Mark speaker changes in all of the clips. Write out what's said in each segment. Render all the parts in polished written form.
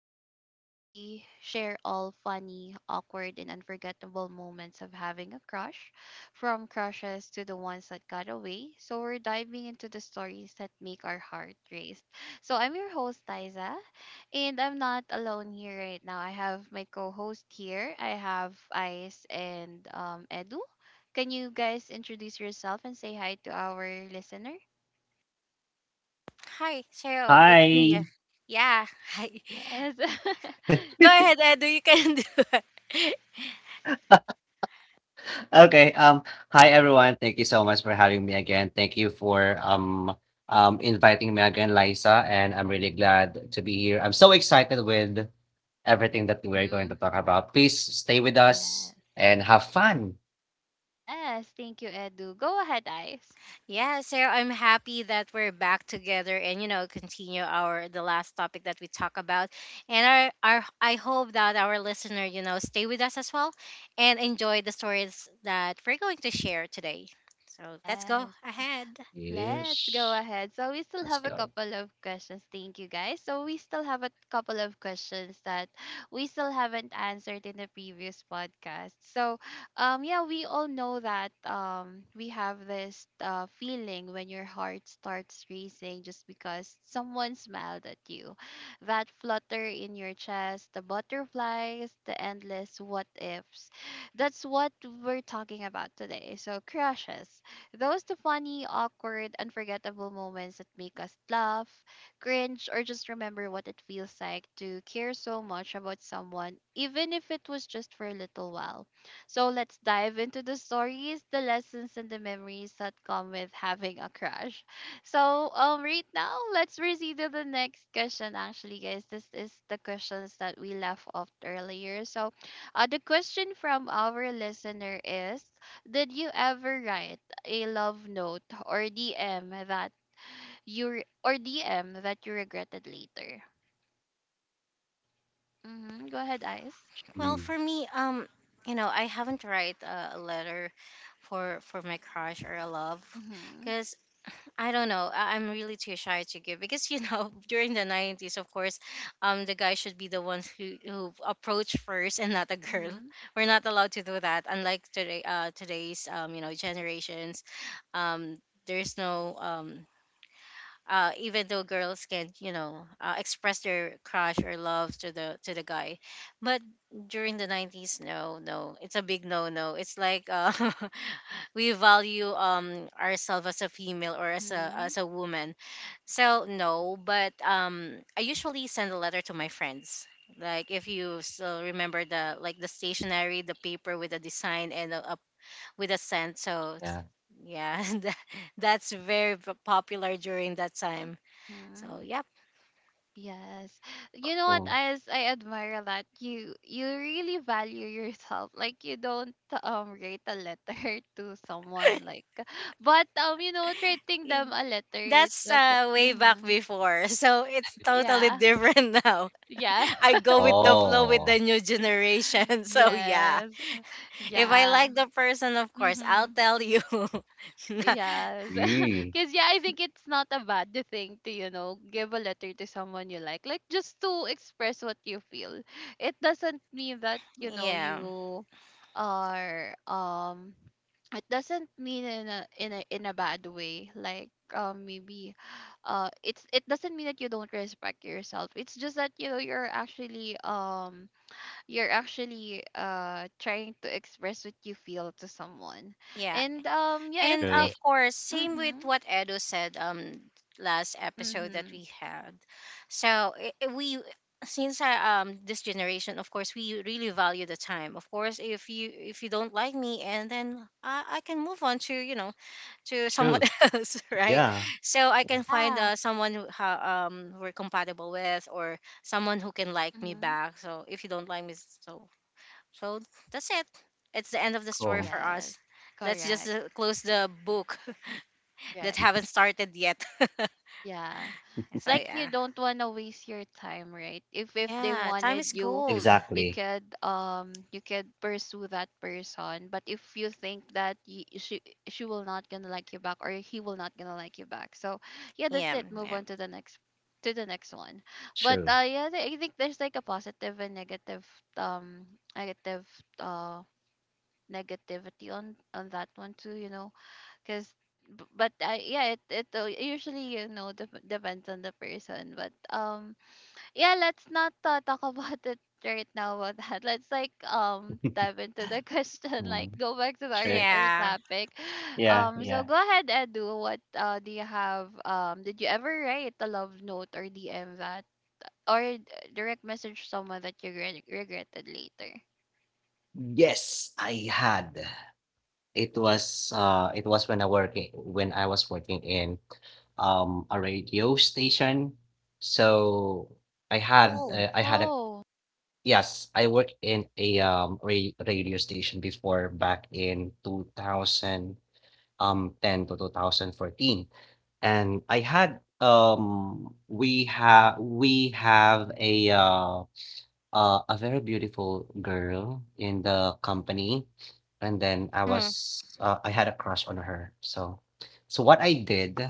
Speaker 1: the place we share all funny, awkward, and unforgettable moments of having a crush, from crushes to the ones that got away. So we're diving into the stories that make our heart race. So I'm your host, Liza, and I'm not alone here right now. I have my co-host here. I have Ice and Edu. Can you guys introduce yourself and say hi to our listener?
Speaker 2: Hi, Cheryl. It's me.
Speaker 3: Hi.
Speaker 2: Yeah. Hi.
Speaker 1: Yes.
Speaker 2: Go ahead, Edu. You can do it.
Speaker 3: Okay. Hi, everyone. Thank you so much for having me again. Thank you for inviting me again, Liza. And I'm really glad to be here. I'm so excited with everything that we're going
Speaker 1: Mm-hmm.
Speaker 3: to talk about. Please stay with us
Speaker 1: Yes.
Speaker 3: and have fun.
Speaker 1: Yes. Thank you, Edu. Go ahead, Ice.
Speaker 2: Yeah, Cheryl, I'm happy that we're back together and you know continue our the last topic that we talk about, and our I hope that our listener you know stay with us as well, and enjoy the stories that we're going to share today. So let's go
Speaker 1: Yes.
Speaker 2: ahead.
Speaker 1: Let's go
Speaker 3: Yes.
Speaker 1: ahead. So we still
Speaker 3: Let's
Speaker 1: have a
Speaker 3: go.
Speaker 1: couple of questions. Thank you guys. So we still have a couple of questions that we still haven't answered in the previous podcast. So yeah, we all know that we have this feeling when your heart starts racing just because someone smiled at you. That flutter in your chest, the butterflies, the endless what ifs. That's what we're talking about today. So crushes those the funny, awkward, unforgettable moments that make us laugh, cringe, or just remember what it feels like to care so much about someone, even if it was just for a little while. So let's dive into the stories, the lessons, and the memories that come with having a crush. So right now, let's proceed to the next question. Actually, guys, this is the questions that we left off earlier. So, the question from our listener is: Did you ever write a love note or DM that you re- or DM that you regretted later? Mm-hmm. Go ahead, Ice.
Speaker 2: Well,
Speaker 3: Mm.
Speaker 2: for me, you know I haven't write a letter for my crush or a love,
Speaker 1: Mm-hmm.
Speaker 2: because I don't know. I'm really too shy to give because you know during the 90s, of course, the guy should be the ones who approach first and not a girl.
Speaker 1: Mm-hmm.
Speaker 2: We're not allowed to do that. Unlike today, today's generations, um, there's no even though girls can express their crush or love to the guy, but during the 90s, no, no, it's a big no no. It's like we value ourselves as a female or as a
Speaker 1: Mm-hmm.
Speaker 2: as a woman. So no, but I usually send a letter to my friends, like if you still remember the stationery, the paper with a design and a with a scent. So
Speaker 3: Yeah.
Speaker 2: yeah, that's very popular during that time,
Speaker 1: Mm-hmm.
Speaker 2: so yep,
Speaker 1: Yes. You know
Speaker 3: Cool.
Speaker 1: what, Ice? I admire that you really value yourself. Like you don't write a letter to someone like, but you know writing
Speaker 2: it,
Speaker 1: them a letter it
Speaker 2: that's
Speaker 1: doesn't.
Speaker 2: way back
Speaker 1: Mm-hmm.
Speaker 2: before. So it's totally
Speaker 1: Yeah.
Speaker 2: different now.
Speaker 1: Yeah.
Speaker 2: I go with the flow with
Speaker 3: Oh.
Speaker 2: the new generation. So yeah,
Speaker 1: Yes.
Speaker 2: if I
Speaker 1: Yeah.
Speaker 2: like the person, of course, I'll
Speaker 1: Mm-hmm.
Speaker 2: tell you.
Speaker 1: Yes.
Speaker 3: Mm.
Speaker 1: Because, yeah, I think it's not a bad thing to, you know, give a letter to someone you like. Like, just to express what you feel. It doesn't mean that, you know,
Speaker 2: Yeah,
Speaker 1: you are, it doesn't mean in a bad way like maybe it's it doesn't mean that you don't respect yourself. It's just that you know you're actually trying to express what you feel to someone,
Speaker 2: yeah.
Speaker 1: and yeah, if
Speaker 2: And
Speaker 3: True.
Speaker 1: they.
Speaker 2: of course, same with
Speaker 1: Mm-hmm.
Speaker 2: what Edo said last episode that
Speaker 1: Mm-hmm.
Speaker 2: we had. So I- we Since I, this generation, of course, we really value the time. Of course, if you don't like me, and then I can move on to you know to someone
Speaker 3: True.
Speaker 2: else, right?
Speaker 3: Yeah.
Speaker 2: So I
Speaker 3: Yeah.
Speaker 2: can find
Speaker 1: Yeah.
Speaker 2: someone who we're compatible with, or someone who can like me
Speaker 1: Mm-hmm.
Speaker 2: back. So if you don't like me, so so that's it. It's the end of the story
Speaker 3: Cool.
Speaker 2: for
Speaker 1: Yes.
Speaker 2: us. Let's just
Speaker 1: Correct.
Speaker 2: close the book that
Speaker 1: Correct.
Speaker 3: Mhm.
Speaker 2: haven't started yet.
Speaker 1: Yeah. It's
Speaker 2: So
Speaker 1: like you
Speaker 2: yeah,
Speaker 1: don't want to waste your time, right? If they
Speaker 2: yeah, time
Speaker 1: wanted
Speaker 2: is
Speaker 1: you,
Speaker 2: gold.
Speaker 1: they
Speaker 3: Exactly.
Speaker 1: could you could pursue that person. But if you think that y she will not gonna like you back, or he will not gonna like you back, so yeah, that's
Speaker 2: Yeah,
Speaker 1: it. Move
Speaker 2: yeah,
Speaker 1: on to the next one. But
Speaker 3: True.
Speaker 1: yeah, I think there's like a positive and negative, um negative, uh negativity on that one too, you know, because, but I, yeah, it usually you know depends on the person, but yeah, let's not talk about it right now about that. Let's like dive into the question, like
Speaker 3: Mm.
Speaker 1: go back to our
Speaker 3: True.
Speaker 2: yeah.
Speaker 1: our topic.
Speaker 3: Yeah,
Speaker 1: So
Speaker 3: yeah.
Speaker 1: go ahead Edu, what do you have, did you ever write a love note or DM that or d- direct message someone that you regretted later?
Speaker 3: Yes, I had. It was when I was working in a radio station. So
Speaker 2: Cool.
Speaker 3: I had a
Speaker 1: Oh.
Speaker 3: yes, I worked in a radio station before back in 2000 10 to 2014. And I had we have a very beautiful girl in the company, and then I
Speaker 2: Hmm.
Speaker 3: was I had a crush on her. So, so what I did,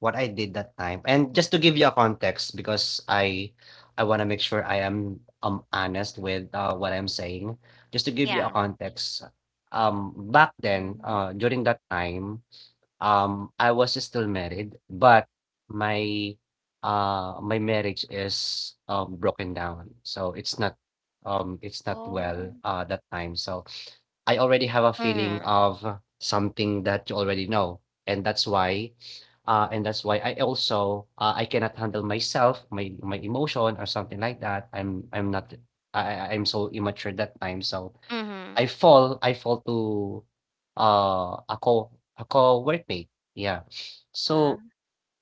Speaker 3: what I did that time, and just to give you a context, because I want to make sure I am honest with what I'm saying. Just to give you a
Speaker 2: Yeah.
Speaker 3: context, back then,
Speaker 1: Mm-hmm.
Speaker 3: during that time. I was still married, but my my marriage is broken down. So it's not
Speaker 1: Oh.
Speaker 3: well that time. So I already have a feeling
Speaker 2: Mm-hmm.
Speaker 3: of something that you already know. And that's why and that's why I also I cannot handle myself, my emotion or something like that. I'm not I I- I'm so immature that time. So
Speaker 2: Mm-hmm.
Speaker 3: I fall to, a co a co-workmate, yeah.
Speaker 1: Uh-huh.
Speaker 3: So,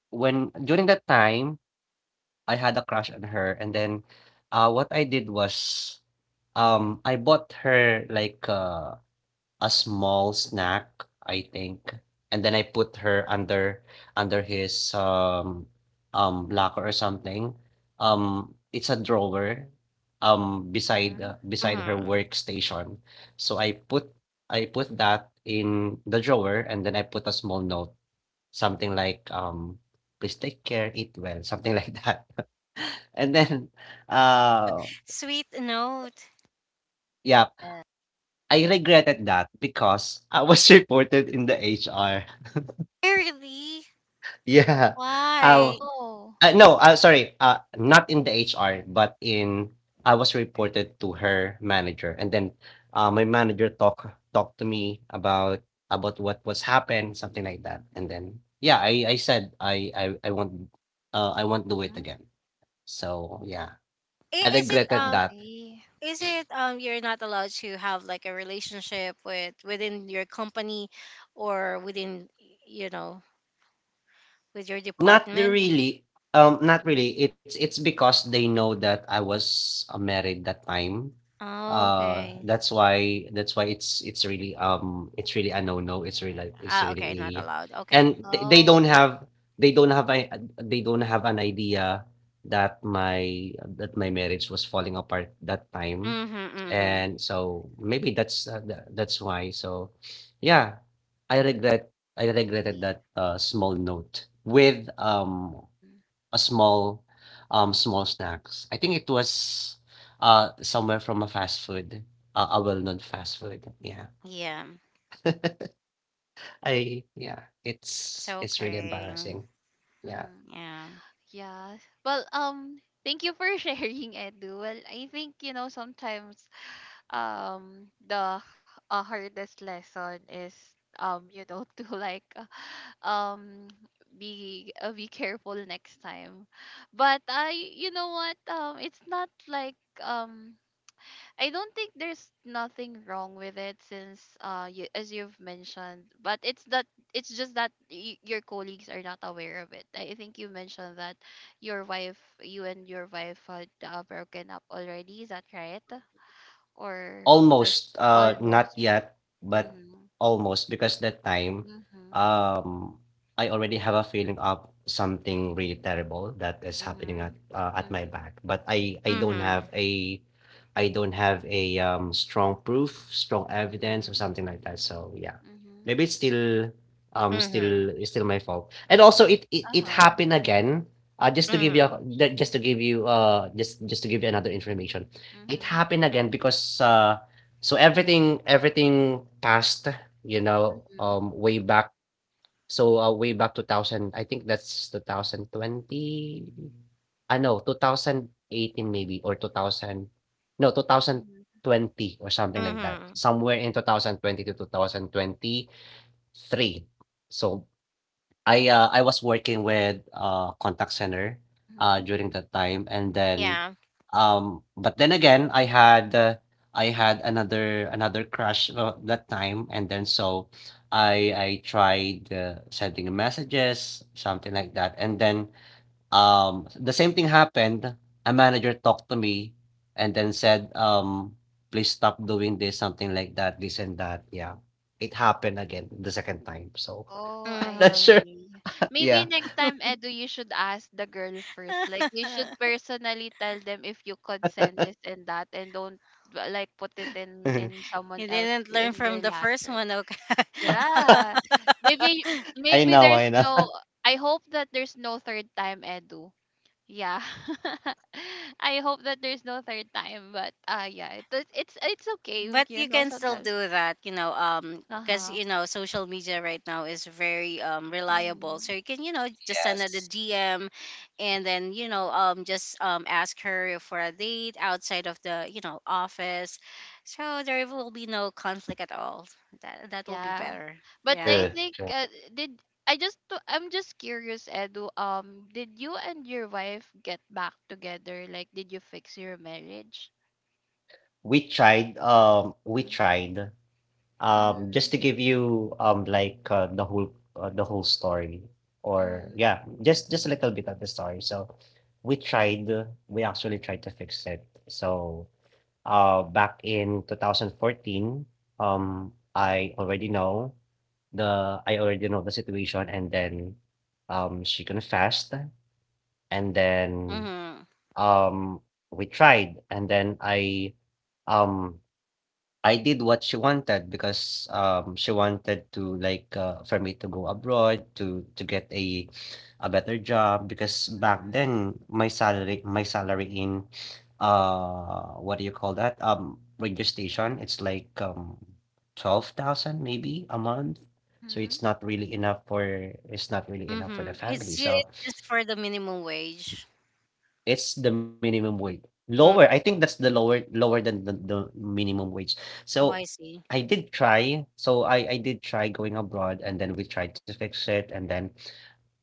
Speaker 3: when during that time, I had a crush on her and then, what I did was, I bought her like, a small snack, I think. And then I put her under his locker or something. It's a drawer
Speaker 1: Mhm.
Speaker 3: beside her
Speaker 2: Mm-hmm.
Speaker 3: workstation. So I put that in the drawer, and then I put a small note, something like please take care, eat well, something like that. And then uh
Speaker 2: Sweet note.
Speaker 3: yeah,
Speaker 1: Yes.
Speaker 3: I regretted that because I was reported in the HR.
Speaker 2: Eh, really?
Speaker 3: Yeah. Um,
Speaker 2: Why?
Speaker 1: Oh.
Speaker 3: no, sorry. Not in the HR, but in I was reported to her manager, and then my manager talked to me about what was happened, something like that, and then yeah, I said I won't do it
Speaker 1: Mhm.
Speaker 3: again. So yeah, I
Speaker 2: Is it
Speaker 3: regretted
Speaker 1: I
Speaker 2: um?
Speaker 3: that.
Speaker 1: see.
Speaker 2: Is it um? You're not allowed to have like a relationship with within your company, or within you know with your
Speaker 3: Not
Speaker 2: department.
Speaker 3: really. Not
Speaker 1: Mhm.
Speaker 3: really. It's because they know that I was married that time.
Speaker 2: Oh, okay.
Speaker 3: That's why it's really a no no. It's
Speaker 2: Ah,
Speaker 3: really
Speaker 2: okay, not
Speaker 3: a,
Speaker 2: allowed. Okay.
Speaker 3: and
Speaker 1: Oh,
Speaker 3: they don't have a, they don't have an idea that my that my marriage was falling apart that time,
Speaker 2: Mm-hmm, mm-hmm.
Speaker 3: and so maybe that's that's why. So, yeah, I regret I
Speaker 1: I
Speaker 3: regretted
Speaker 1: see.
Speaker 3: that small note with
Speaker 1: Mm.
Speaker 3: a small snacks. I think it was somewhere from a fast food, a well-known fast food. Yeah.
Speaker 2: Yeah.
Speaker 3: I Yeah,
Speaker 2: It's
Speaker 3: it's really
Speaker 1: Yes.
Speaker 2: okay.
Speaker 3: embarrassing. Yeah.
Speaker 1: Mhm.
Speaker 2: Yeah.
Speaker 1: Yeah. Well, thank you for sharing, Edu. Well, I think, you know, sometimes um the h- hardest lesson is, you know, to like um be careful next time. But I, you know what? It's not like, um I don't think there's nothing wrong with it since you, as you've mentioned, but it's that it's just that your colleagues are not aware of it. I think you mentioned that your wife, you and your wife had broken up already. Is that right? Or just
Speaker 3: Almost, not
Speaker 1: almost?
Speaker 3: yet, but
Speaker 1: Mhm.
Speaker 3: almost because that time,
Speaker 1: Mhm.
Speaker 3: um, I already have a feeling of something really terrible that is happening
Speaker 1: Mhm.
Speaker 3: at my
Speaker 1: Mhm.
Speaker 3: back, but I don't have
Speaker 2: Mm-hmm.
Speaker 3: a strong proof, strong evidence, or
Speaker 1: Mhm.
Speaker 3: something like that. So yeah,
Speaker 1: Mhm.
Speaker 3: maybe
Speaker 2: Mm-hmm.
Speaker 3: it's still my fault. And also,
Speaker 1: Uh
Speaker 3: it
Speaker 1: huh.
Speaker 3: happened again. Just to give you
Speaker 2: Mm-hmm.
Speaker 1: Mhm.
Speaker 3: just to give you another information. It
Speaker 1: Mhm.
Speaker 3: happened again because so everything passed
Speaker 1: Mhm.
Speaker 3: way back. So way back 2000, I think that's 2020 know 2018 maybe, or 2000, no, two thousand
Speaker 1: Mhm.
Speaker 3: twenty or something like that,
Speaker 2: Mm-hmm.
Speaker 3: somewhere in 2020 2023. So I was working with a contact center,
Speaker 1: Mhm.
Speaker 3: during that time, and then,
Speaker 2: Yeah.
Speaker 3: but then again, I had another crush that time, and then so I tried sending messages, something like that. And then the same thing happened. A manager talked to me and then said, please stop doing this, something like that, this and that. Yeah. It happened again the second time. So
Speaker 1: Oh, I
Speaker 3: not
Speaker 2: Mm-hmm.
Speaker 3: sure.
Speaker 1: see. Maybe
Speaker 3: Yeah.
Speaker 1: next time, Edu, you should ask the girl first. Like, you should personally tell them if you could send this and that, and don't like put it
Speaker 3: I
Speaker 1: in someone
Speaker 2: You
Speaker 1: else
Speaker 2: didn't learn
Speaker 1: in
Speaker 2: from
Speaker 1: their
Speaker 2: the first
Speaker 1: locker.
Speaker 2: one, okay?
Speaker 1: Yeah, maybe maybe
Speaker 3: know,
Speaker 1: there's
Speaker 3: I know.
Speaker 1: no. I hope that there's no third time, Edu. Yeah, I hope that there's no third time. But yeah, it's okay.
Speaker 2: But
Speaker 1: You
Speaker 2: you
Speaker 1: know,
Speaker 2: can still
Speaker 1: sometimes.
Speaker 2: do that, you know, because
Speaker 1: Uh
Speaker 2: you know social media right now is very reliable, so
Speaker 1: huh.
Speaker 2: you can you know just send her the
Speaker 3: Yes.
Speaker 2: dm, and then you know just ask her for a date outside of the you know office, so there will be no conflict at all. That that will be
Speaker 1: Yeah.
Speaker 2: better.
Speaker 1: But I
Speaker 2: Yeah.
Speaker 3: True.
Speaker 1: think did I just to, I'm just curious, Edu. Did you and your wife get back together? Like, did you fix your marriage?
Speaker 3: We
Speaker 1: Mm-hmm.
Speaker 3: tried, just to give you, like, the whole story, or
Speaker 1: Mm-hmm.
Speaker 3: yeah, just a little bit of the story. So, we actually tried to fix it. So,
Speaker 1: Mm-hmm.
Speaker 3: back in 2014, um, I already know I already know the situation, and then, she confessed, and then
Speaker 2: Mm-hmm.
Speaker 3: um we tried. And then um I did what she wanted, because she wanted to, like, for me to go abroad to get a better job, because back then my salary in what do you call that radio station, it's like 12,000 maybe a month. So
Speaker 1: Mm-hmm.
Speaker 3: it's not really enough for the
Speaker 2: Mm-hmm it's,
Speaker 3: family. So
Speaker 2: it's just for the minimum wage.
Speaker 3: it's the minimum wage.
Speaker 2: Mm.
Speaker 3: Lower. I think that's the lower than the minimum wage.
Speaker 2: Oh, I
Speaker 3: So
Speaker 2: see.
Speaker 3: I did try. So I did try going abroad, and then we tried to fix it. And then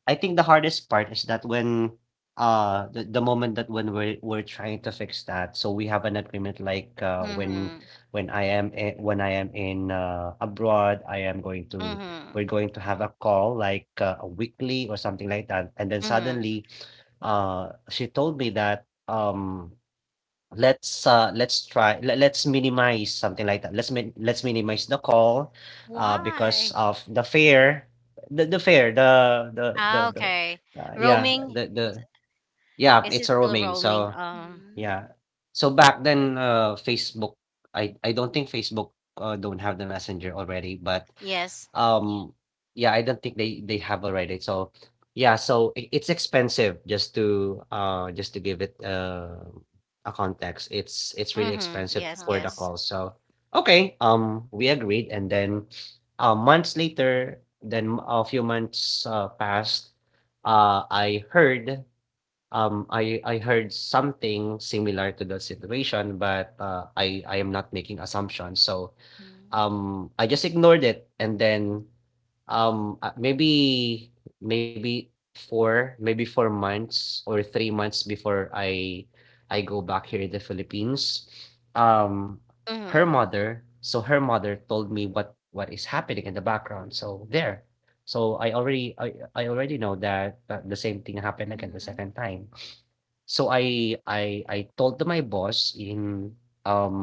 Speaker 3: I think the hardest part is that when the moment that when we're trying to fix that, so we have an agreement like when
Speaker 2: Mm-hmm.
Speaker 3: when I am in abroad, I am going to
Speaker 2: Mm-hmm.
Speaker 3: we're going to have a call like a weekly or something like that, and then
Speaker 2: Mm-hmm.
Speaker 3: suddenly she told me that, let's try, le let's minimize," something like that. "Let's min let's minimize the call, because
Speaker 2: Why?
Speaker 3: of the fare." The fare, the the the
Speaker 2: Ah,
Speaker 3: the,
Speaker 2: okay.
Speaker 3: uh, yeah,
Speaker 2: Roaming.
Speaker 3: the the yeah,
Speaker 2: Is it
Speaker 3: it's a
Speaker 2: still
Speaker 3: roaming.
Speaker 2: roaming?
Speaker 3: So
Speaker 1: Mm-hmm.
Speaker 3: yeah. So back then, Facebook, I don't think Facebook don't have the Messenger already, but
Speaker 2: Yes.
Speaker 3: um, yeah, I don't think they have already. So yeah, so it's expensive just to give it a context. It's really
Speaker 2: Mm-hmm.
Speaker 3: expensive
Speaker 2: Yes,
Speaker 3: for the
Speaker 1: Uh-huh.
Speaker 2: yes.
Speaker 3: call. So okay, we agreed, and then months later, then a few months passed. I heard something similar to the situation, but I am not making assumptions. So
Speaker 1: Mm-hmm.
Speaker 3: I just ignored it, and then maybe maybe four months or 3 months before I go back here in
Speaker 1: Mm-hmm.
Speaker 3: the Philippines. Um, Her
Speaker 2: Mm-hmm.
Speaker 3: mother. So her mother told me what is happening in the background. So there. So I already know that the same thing happened again the
Speaker 1: Mm-hmm.
Speaker 3: second time. So I told to my boss um,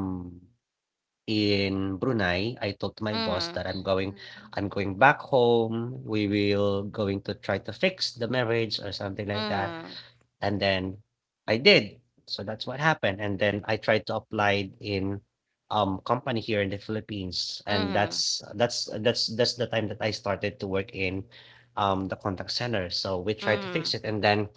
Speaker 3: in Brunei. I told to my boss
Speaker 2: Mm-hmm.
Speaker 3: that I'm going back home. We will going to try to fix the marriage or something like that,
Speaker 2: Mm-hmm.
Speaker 3: and then I did. So that's what happened, and then I tried to
Speaker 1: Mm-hmm.
Speaker 3: apply in, company here in the Philippines, and
Speaker 2: Mm-hmm.
Speaker 3: that's the time that I started to work in, the contact center. So we tried to
Speaker 2: Mm-hmm.
Speaker 3: fix it, and then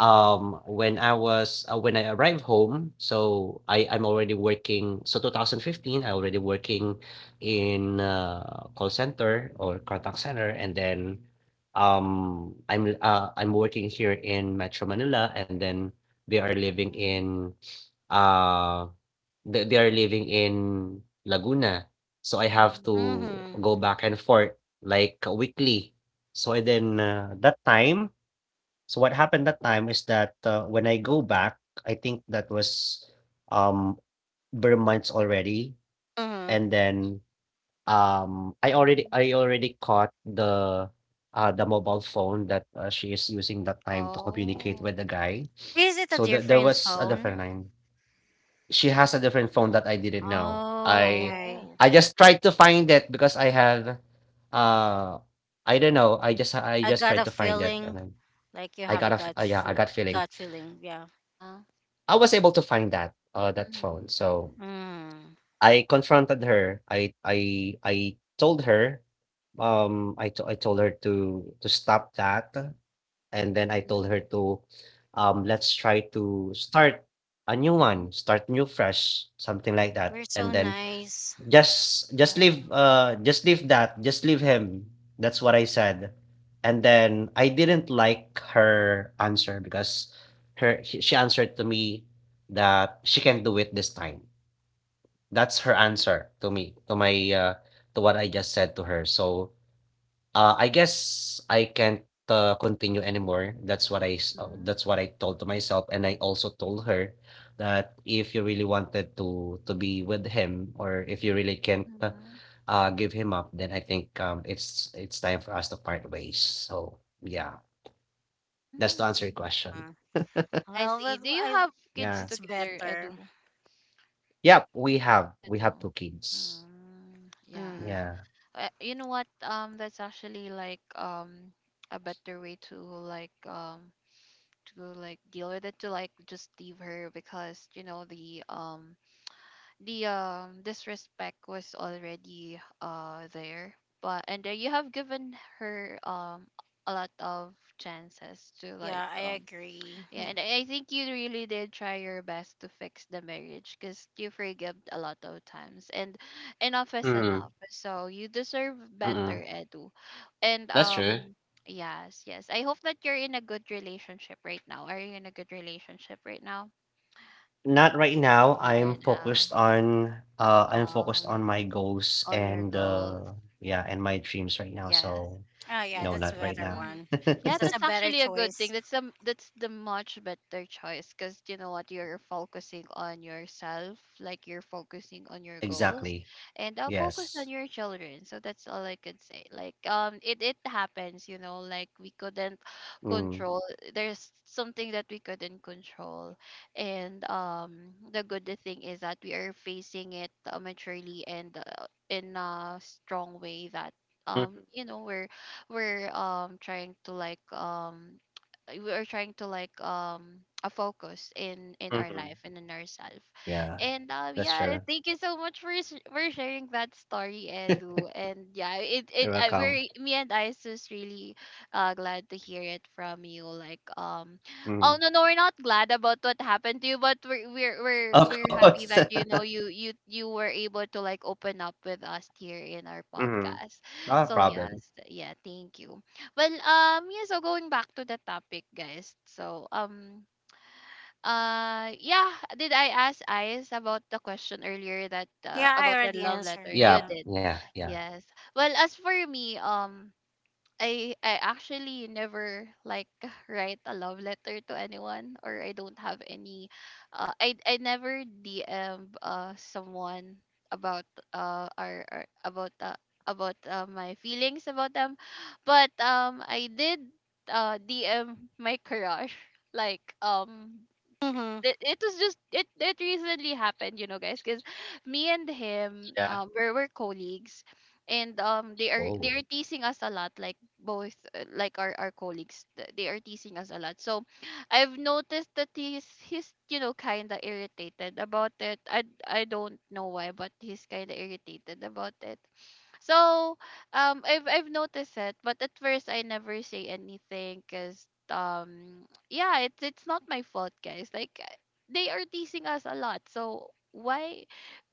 Speaker 3: when I arrived home, so I'm already working. So 2015, I already working in call center or contact center, and then I'm working here in Metro Manila, and then they are living
Speaker 1: Mm-hmm.
Speaker 3: in uh they are living in Laguna. So I have
Speaker 1: Mm-hmm.
Speaker 3: to
Speaker 2: Mm-hmm.
Speaker 3: go back and forth like weekly. So then that time. So what happened that time is that, when I go back, I think that was, um, bare months already,
Speaker 2: Mm-hmm.
Speaker 3: and then, I already caught the mobile phone that, she is using that time to communicate
Speaker 1: Oh.
Speaker 3: with the guy.
Speaker 2: Is it a
Speaker 3: So there
Speaker 2: different
Speaker 3: was a
Speaker 2: phone?
Speaker 3: different line. She has a different phone that I didn't know.
Speaker 2: Oh, okay.
Speaker 1: Oh.
Speaker 3: I just tried to find it, because I have, uh, I don't know, I
Speaker 2: I
Speaker 3: just
Speaker 2: got
Speaker 3: tried
Speaker 2: a
Speaker 3: to find it, and
Speaker 2: feeling
Speaker 3: then
Speaker 2: like you
Speaker 3: I
Speaker 2: have a
Speaker 3: got a f
Speaker 2: gut
Speaker 3: yeah, I
Speaker 2: feel,
Speaker 3: got feeling.
Speaker 2: gut feeling, yeah.
Speaker 1: Uh-huh.
Speaker 3: I was able to find that
Speaker 1: Mm-hmm.
Speaker 3: phone. So
Speaker 2: Mm.
Speaker 3: I confronted her. Told her I told her to stop that, and then I told her
Speaker 1: Mm-hmm.
Speaker 3: to let's try to start a new one, start new fresh, something like
Speaker 2: You're
Speaker 3: that.
Speaker 2: so
Speaker 3: And then
Speaker 1: Mm-hmm.
Speaker 2: nice.
Speaker 3: just
Speaker 1: Yeah.
Speaker 3: leave just leave that just leave him. That's what I said. And then I didn't like her answer because her she answered to me that she can do it this time. That's her answer to me, to my to what I just said to her. So I guess I can't, continue anymore. That's what that's what I told to myself, and I also told her that if you really wanted to be with him, or if you really can't
Speaker 1: Mhm.
Speaker 3: give him up, then I think it's time for us to part ways. So yeah, that's to answer
Speaker 1: Mm,
Speaker 3: your question.
Speaker 2: Mm.
Speaker 1: I
Speaker 2: Well,
Speaker 1: see. Do
Speaker 2: well,
Speaker 1: you
Speaker 2: I
Speaker 1: have kids
Speaker 3: Yeah.
Speaker 2: it's
Speaker 1: together,
Speaker 2: better.
Speaker 1: Edu?
Speaker 3: Yep, we have
Speaker 1: You
Speaker 3: we have
Speaker 1: do.
Speaker 3: two kids.
Speaker 1: Mm, yeah.
Speaker 2: Mm.
Speaker 3: Yeah.
Speaker 1: You know what? That's actually like a better way to like deal with it, to like just leave her because you know the disrespect was already there. But and you have given her a lot of chances to like
Speaker 2: Yeah, I
Speaker 1: um.
Speaker 2: agree.
Speaker 1: Yeah, and I think you really did try your best to fix the marriage because you forgive a lot of times, and enough is
Speaker 3: Mm.
Speaker 1: enough. So you deserve better,
Speaker 3: Mm-mm.
Speaker 1: Edu. And
Speaker 3: That's true.
Speaker 1: yes, yes. I hope that you're in a good relationship right now. Are you in a good relationship right now?
Speaker 3: Not right now,
Speaker 1: Not right now.
Speaker 3: I'm focused on
Speaker 1: Um,
Speaker 3: my goals
Speaker 1: on your
Speaker 3: and,
Speaker 1: goals.
Speaker 3: yeah, and my dreams right now,
Speaker 1: Yes.
Speaker 3: so
Speaker 2: Oh yeah,
Speaker 3: no,
Speaker 1: Yes.
Speaker 2: that's a
Speaker 3: not right
Speaker 2: better
Speaker 3: now.
Speaker 1: Hmm.
Speaker 2: one.
Speaker 1: Yeah,
Speaker 2: That's a
Speaker 1: that's
Speaker 2: better
Speaker 1: actually a good thing.
Speaker 2: choice.
Speaker 1: That's the much better choice because you know what, you're focusing on yourself, like you're focusing on your goals,
Speaker 3: Exactly.
Speaker 1: and I'll focus on
Speaker 3: Yes.
Speaker 1: your children. So that's all I could say. Like it it happens, you know. Like we couldn't
Speaker 3: Mm.
Speaker 1: control. There's something that we couldn't control, and the good thing is that we are facing it maturely and in a strong way that,
Speaker 3: Mhm,
Speaker 1: you know we're trying to like we are trying to like a focus in our
Speaker 3: mhm.
Speaker 1: life and in ourselves,
Speaker 3: Yeah,
Speaker 1: and
Speaker 3: that's
Speaker 1: yeah,
Speaker 3: true.
Speaker 1: thank you so much for for sharing that story, Edu. And yeah, it
Speaker 3: You're
Speaker 1: it
Speaker 3: welcome.
Speaker 1: we're, me and I is just really glad to hear it from you, like oh
Speaker 3: Mm.
Speaker 1: no no, we're not glad about what happened to you, but
Speaker 3: Of
Speaker 1: we're happy
Speaker 3: course.
Speaker 1: that you know you were able to like open up with us here in our
Speaker 3: Mhm.
Speaker 1: podcast,
Speaker 3: Not a
Speaker 1: so
Speaker 3: problem.
Speaker 1: yes, yeah, thank you. Well, yeah. So going back to the topic, guys. So yeah. Did I ask Ice about the question earlier that
Speaker 2: Yeah, I
Speaker 1: about the
Speaker 2: already
Speaker 1: love letter?
Speaker 2: answered.
Speaker 1: You
Speaker 2: Yeah.
Speaker 3: Yeah,
Speaker 1: did.
Speaker 3: yeah, yeah.
Speaker 1: Yes. Well, as for me, I actually never like write a love letter to anyone, or I don't have any I never DM someone about our about my feelings about them, but I did DM my crush like
Speaker 2: Mhm.
Speaker 1: it, it was just it recently happened, you know, guys, because me and
Speaker 3: Yeah.
Speaker 1: him we're colleagues, and they
Speaker 3: Oh.
Speaker 1: are teasing us a lot, like both like our colleagues, they are teasing us a lot. So I've noticed that he's, you know, kind of irritated about it. I don't know why, but he's kind of irritated about it. So, I've noticed it, but at first I never say anything, 'cause yeah, it's not my fault, guys. Like, they are teasing us a lot, so why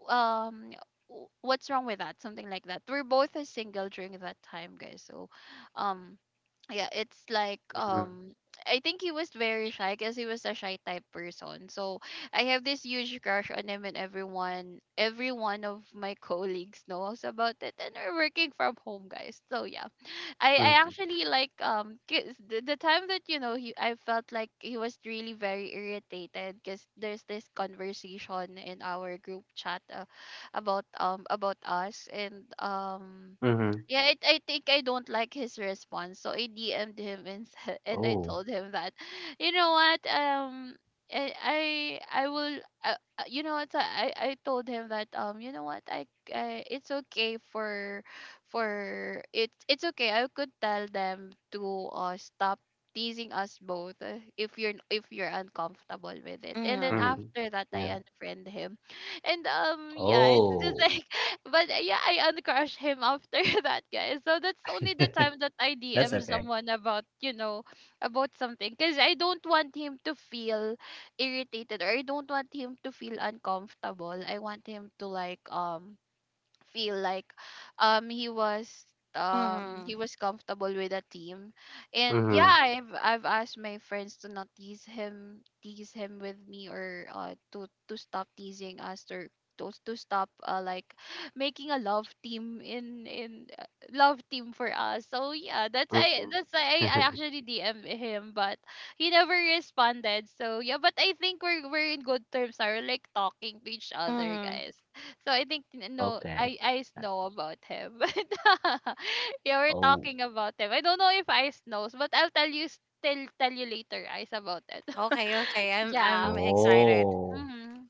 Speaker 1: um what's wrong with that, something like that. We're both single during that time, guys, so um yeah, it's like
Speaker 3: Mhm,
Speaker 1: I think he was very shy because he was a shy type person. So I have this huge crush on him, and everyone, every one of my colleagues knows about it, and we're working from home, guys, so yeah. I
Speaker 3: mhm,
Speaker 1: actually, like, 'cause the time that, you know, he, I felt like he was really very irritated because there's this conversation in our group chat, about us, and
Speaker 3: mhm.
Speaker 1: yeah, it, I think I don't like his response, so I DM'd him and said, and I
Speaker 3: Oh.
Speaker 1: told him that, you know what, I I, I will, you know what, I told him that, um, you know what, I, it's okay for it, it's okay, I could tell them to, stop teasing us both, if you're uncomfortable with it. And then
Speaker 2: Mhm.
Speaker 3: Mhm.
Speaker 1: after that, I
Speaker 3: Yeah.
Speaker 1: unfriend him and yeah, it's just
Speaker 3: Oh.
Speaker 1: like, but yeah, I uncrush him after that, guys. So that's only the time that I
Speaker 3: That's
Speaker 1: DM
Speaker 3: okay.
Speaker 1: someone about, you know, about something, because I don't want him to feel irritated, or I don't want him to feel uncomfortable. I want him to like, feel like, he was,
Speaker 2: Mhm.
Speaker 1: he was comfortable with the team. And yeah,
Speaker 3: Mhm,
Speaker 1: I've asked my friends to not tease him, tease him with me, or uh, to stop teasing us, or to stop like making a love team in love team for us. So yeah, that's I,
Speaker 3: mm.
Speaker 1: that's I actually DM him, but he never responded. So yeah, but I think we're in good terms, are like talking to each other,
Speaker 2: Mhm.
Speaker 1: guys. So I think, no,
Speaker 3: Okay.
Speaker 1: I know about him. But you were
Speaker 3: Oh,
Speaker 1: talking about him. I don't know if Ice knows, but I'll tell you, still tell you later, Ice, about it.
Speaker 2: Okay. Okay.
Speaker 1: Yeah.
Speaker 2: I'm excited.
Speaker 3: oh.
Speaker 1: Mhm.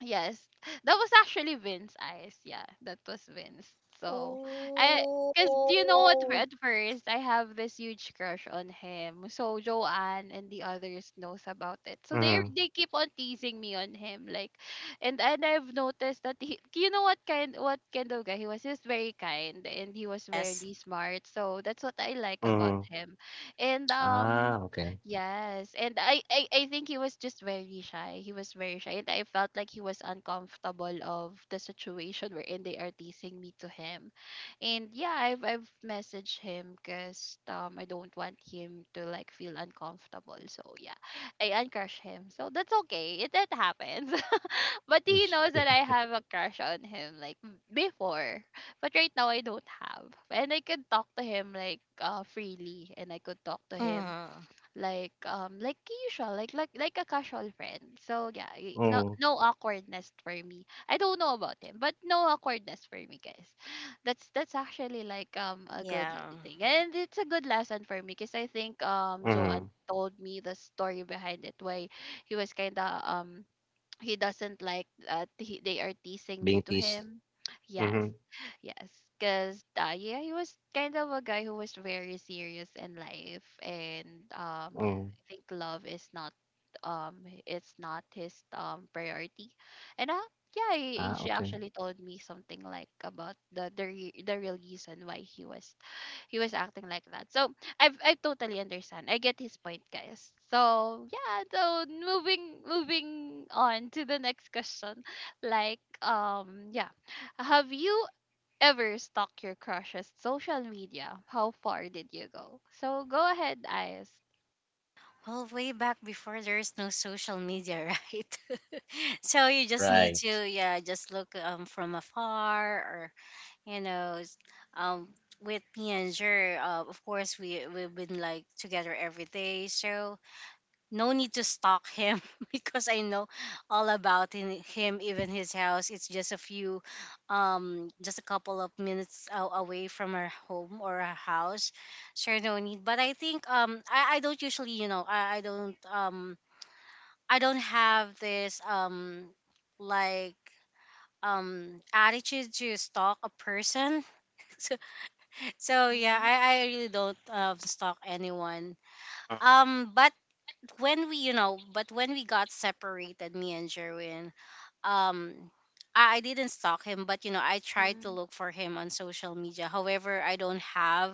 Speaker 1: Yes, that was actually Vince's eyes. Yeah, that was Vince. So I, 'cause do you know what?
Speaker 2: Oh.
Speaker 1: At first, I have this huge crush on him. So Joanne and the others knows about it. So
Speaker 3: Mhm,
Speaker 1: they keep on teasing me on him, like, and I've noticed that he, you know what kind, what kind of guy he was. He was very kind and he was
Speaker 2: Yes.
Speaker 1: very smart. So that's what I like about
Speaker 3: mhm.
Speaker 1: him, and.
Speaker 3: Ah, okay.
Speaker 1: Yes, and I think he was just very shy. He was very shy, and I felt like he was uncomfortable of the situation wherein they are teasing me to him, and yeah, I've messaged him because I don't want him to like feel uncomfortable. So yeah, I uncrush him. So that's okay. It that happens, but he knows that I have a crush on him, like, before, but right now I don't have, and I can talk to him like, uh, freely, and I could talk to him
Speaker 2: Mhm.
Speaker 1: like, like usual, like a casual friend. So yeah, no,
Speaker 3: Mhm,
Speaker 1: no awkwardness for me. I don't know about him, but no awkwardness for me, guys. That's actually like, um, a good
Speaker 2: Yeah.
Speaker 1: thing, and it's a good lesson for me because I think, um, Joanne
Speaker 3: mhm.
Speaker 1: told me the story behind it, why he was kind of, um, he doesn't like that he, they are teasing me to
Speaker 3: Bintis.
Speaker 1: him. Yes.
Speaker 3: Mhm,
Speaker 1: Yes, because yeah, he was kind of a guy who was very serious in life, and yeah,
Speaker 3: mm.
Speaker 1: I think love is not, um it's not his, um, priority. And yeah,
Speaker 3: Ah,
Speaker 1: she
Speaker 3: okay.
Speaker 1: actually told me something like about the real reason why he was acting like that. So I have, I totally understand. I get his point, guys. So yeah, so moving on to the next question. Like, um, yeah, have you ever stalked your crush's social media? How far did you go? So go ahead, Ice.
Speaker 2: Well, way back before, there's no social media, right? So you just need
Speaker 3: Right.
Speaker 2: to yeah, just look from afar or you know um with me and Jer, of course we we've been like together every day, so no need to stalk him because I know all about him. Even his house, it's just a few just a couple of minutes away from our home or our house. So no need, but I think I don't usually you know I don't have this like attitude to stalk a person. So yeah,
Speaker 1: Mhm.
Speaker 2: I really don't stalk anyone.
Speaker 3: Mm.
Speaker 2: But when we, you know, but when we got separated, me and Jerwin, um, I didn't stalk him, but you know, I tried to
Speaker 1: Mhm.
Speaker 2: look for him on social media. However, I don't have,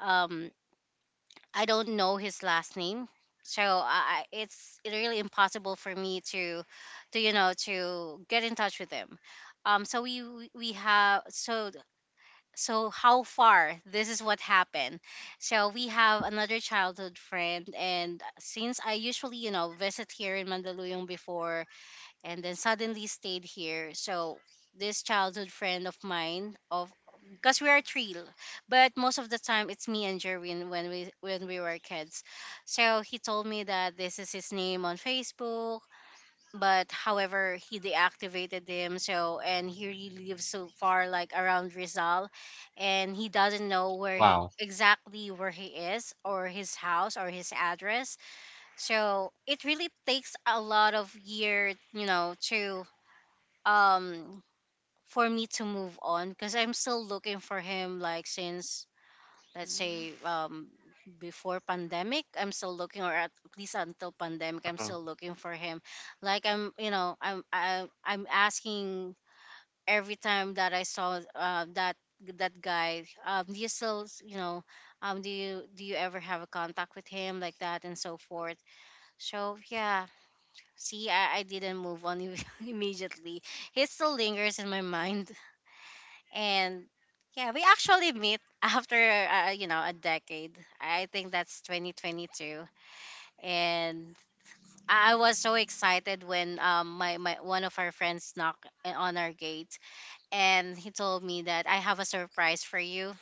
Speaker 2: um, I don't know his last name. So it's really impossible for me to you know, to get in touch with him. So we have so so how far, this is what happened. So we have another childhood friend, and since I usually you know visit here in mandaluyong before, and then suddenly stayed here, so this childhood friend of mine of, because we are three, but most of the time it's me and Jerwin when we were kids. So he told me that this is his name on facebook, but however he deactivated him, so, and he really lives so far like around Rizal, and he doesn't know where he
Speaker 3: Wow.
Speaker 2: exactly where he is or his house or his address. So it really takes a lot of year you know to um for me to move on because I'm still looking for him, like, since let's
Speaker 1: Mhm.
Speaker 2: say before pandemic I'm still looking, or at least until pandemic I'm
Speaker 3: Mhm.
Speaker 2: still looking for him, like I'm you know I'm asking every time that I saw that guy, um, do you still you know do you ever have a contact with him like that and so forth. So yeah, see I didn't move on immediately. He still lingers in my mind, and yeah, we actually meet after you know a decade. I think that's 2022, and I was so excited when my one of our friends knocked on our gate, and he told me that I have a surprise for you.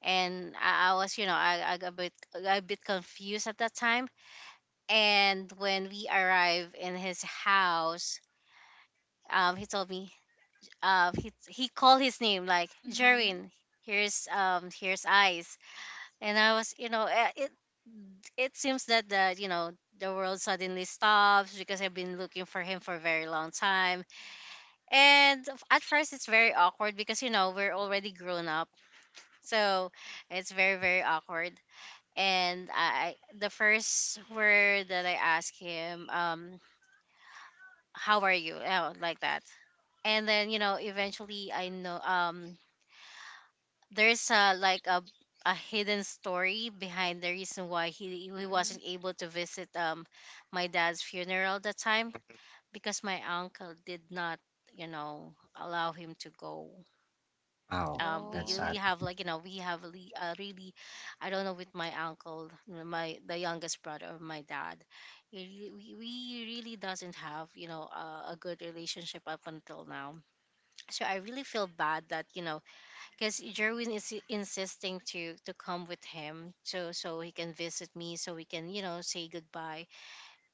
Speaker 2: And I was you know I got a bit confused at that time. And when we arrived in his house, he told me he called his name like
Speaker 1: Mhm.
Speaker 2: Jerwin. Here's here's eyes, and I was, you know, eh, it seems that the you know the world suddenly stops because I've been looking for him for a very long time, and at first it's very awkward because you know we're already grown up, so it's very very awkward. And the first word that I asked him, how are you? Oh, like that. And then you know, eventually I know, there's a like a hidden story behind the reason why he
Speaker 1: Mhm.
Speaker 2: wasn't able to visit my dad's funeral that time, because my uncle did not you know allow him to go.
Speaker 3: Wow,
Speaker 2: Um, we
Speaker 3: that's
Speaker 1: Oh.
Speaker 2: really
Speaker 3: sad.
Speaker 2: have like you know we have really, really I don't know with my uncle, my the youngest brother of my dad. We really doesn't have you know a good relationship up until now. So I really feel bad that you know, because Jerwin is insisting to come with him, so so he can visit me so we can you know say goodbye,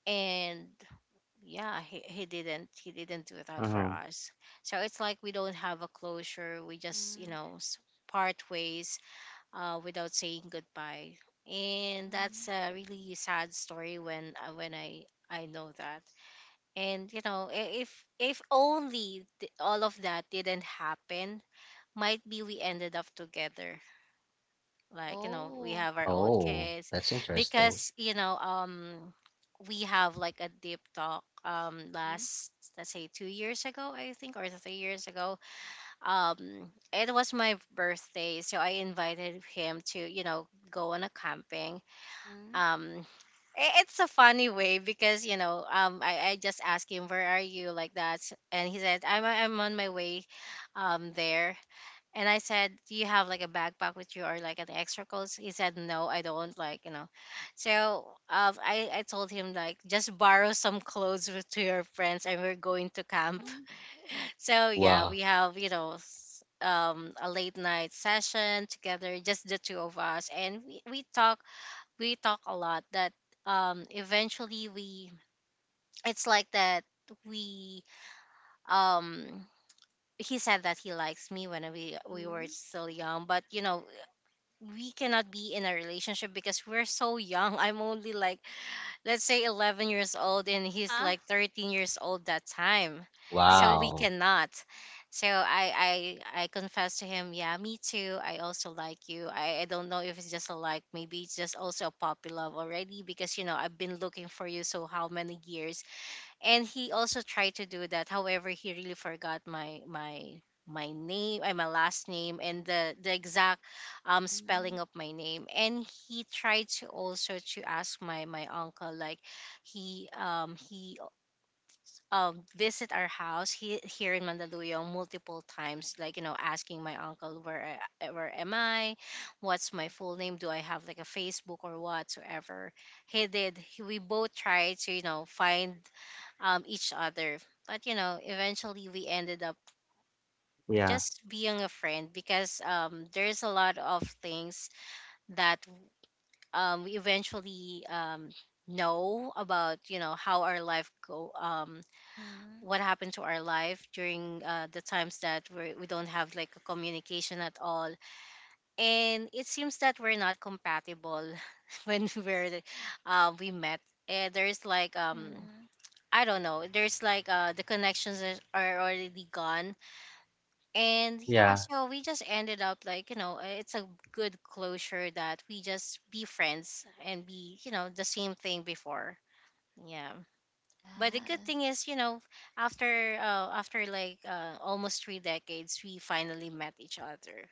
Speaker 2: and yeah he didn't do that for
Speaker 3: Mhm.
Speaker 2: us. So it's like we don't have a closure, we just you
Speaker 1: Mhm.
Speaker 2: know part ways without saying goodbye. And
Speaker 1: Mm.
Speaker 2: that's a really sad story, when I know that. And you know if only all of that didn't happen, might be we ended up together, like you know we
Speaker 1: Oh.
Speaker 2: have our own
Speaker 3: Oh,
Speaker 2: kids.
Speaker 3: that's interesting.
Speaker 2: Because you know we have like a deep talk
Speaker 1: Mhm.
Speaker 2: last let's say 2 years ago I think or 3 years ago. Um, it was my birthday, so I invited him to you know go on a camping.
Speaker 1: Mhm.
Speaker 2: um it's a funny way because you know I just asked him, where are you, like that. And he said, I'm on my way there. And I said, do you have like a backpack with you or like an extra clothes? He said, no, I don't. Like, you know. So I told him, like, just borrow some clothes with, to your friends, and we're going to camp.
Speaker 1: Mhm.
Speaker 2: So yeah, we
Speaker 3: Wow.
Speaker 2: have, you know, a late night session together, just the two of us. And we talk a lot that eventually we, it's like that we, um, he said that he likes me when we were
Speaker 1: Mhm.
Speaker 2: still young, but you know we cannot be in a relationship because we're so young. I'm only like, let's say 11 years old, and
Speaker 1: Uh
Speaker 2: he's
Speaker 1: huh.
Speaker 2: like 13 years old that time.
Speaker 1: Oh my
Speaker 2: So
Speaker 1: God.
Speaker 2: we
Speaker 3: Wow.
Speaker 2: cannot. So I confess to him, yeah, me too. I also like you. I don't know if it's just a like, maybe it's just also a puppy love already because, you know, I've been looking for you so how many years, and he also tried to do that, however he really forgot my name and my last name and the exact
Speaker 1: Mhm.
Speaker 2: spelling of my name. And he tried to also to ask my uncle like, he visit our house, he, here in Mandaluyong multiple times, like, you know, asking my uncle where am I, what's my full name, do I have like a Facebook or whatsoever. He did, he, we both tried to, you know, find each other. But you know, eventually we ended up
Speaker 3: Yeah,
Speaker 2: just being a friend because there's a lot of things that we eventually know about. You know how our life go,
Speaker 1: Mhm.
Speaker 2: what happened to our life during the times that we don't have like a communication at all, and it seems that we're not compatible when we're we met. There's like
Speaker 1: Mhm.
Speaker 2: I don't know. There's like the connections are already gone. And yeah,
Speaker 3: yeah.
Speaker 2: so we just ended up like, you know, it's a good closure that we just be friends and be, you know, the same thing before. Yeah. But the good thing
Speaker 1: Yes.
Speaker 2: is, you know, after after like almost three decades we finally met each other.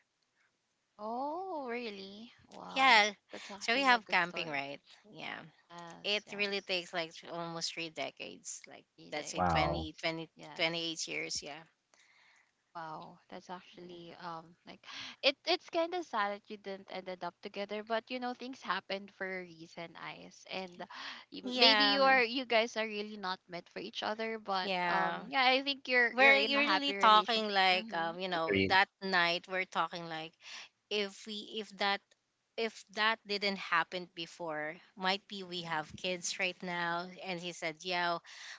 Speaker 1: Oh, really? Wow.
Speaker 2: Yeah.
Speaker 1: That's
Speaker 2: So we
Speaker 1: actually a
Speaker 2: have
Speaker 1: good
Speaker 2: camping,
Speaker 1: story.
Speaker 2: right? Yeah.
Speaker 1: Yes,
Speaker 2: It really
Speaker 1: yes.
Speaker 2: takes like almost three decades, like,
Speaker 1: Three
Speaker 2: let's say,
Speaker 3: Wow.
Speaker 1: decades. Yes.
Speaker 2: 28 years, yeah.
Speaker 1: Wow. That's actually, um, like, it's kind of sad that you didn't ended up together, but you know things happened for a reason, Ice. And maybe
Speaker 2: Yeah,
Speaker 1: you guys are really not meant for each other, but, um,
Speaker 2: yeah.
Speaker 1: yeah, I think you're
Speaker 2: Where
Speaker 1: in
Speaker 2: you're
Speaker 1: a
Speaker 2: really
Speaker 1: happy
Speaker 2: talking
Speaker 1: relationship.
Speaker 2: like,
Speaker 1: Mhm.
Speaker 2: you know,
Speaker 3: Agreed.
Speaker 2: that night we're talking like, if we if that didn't happen before, might be we have kids right now. And he said, yeah,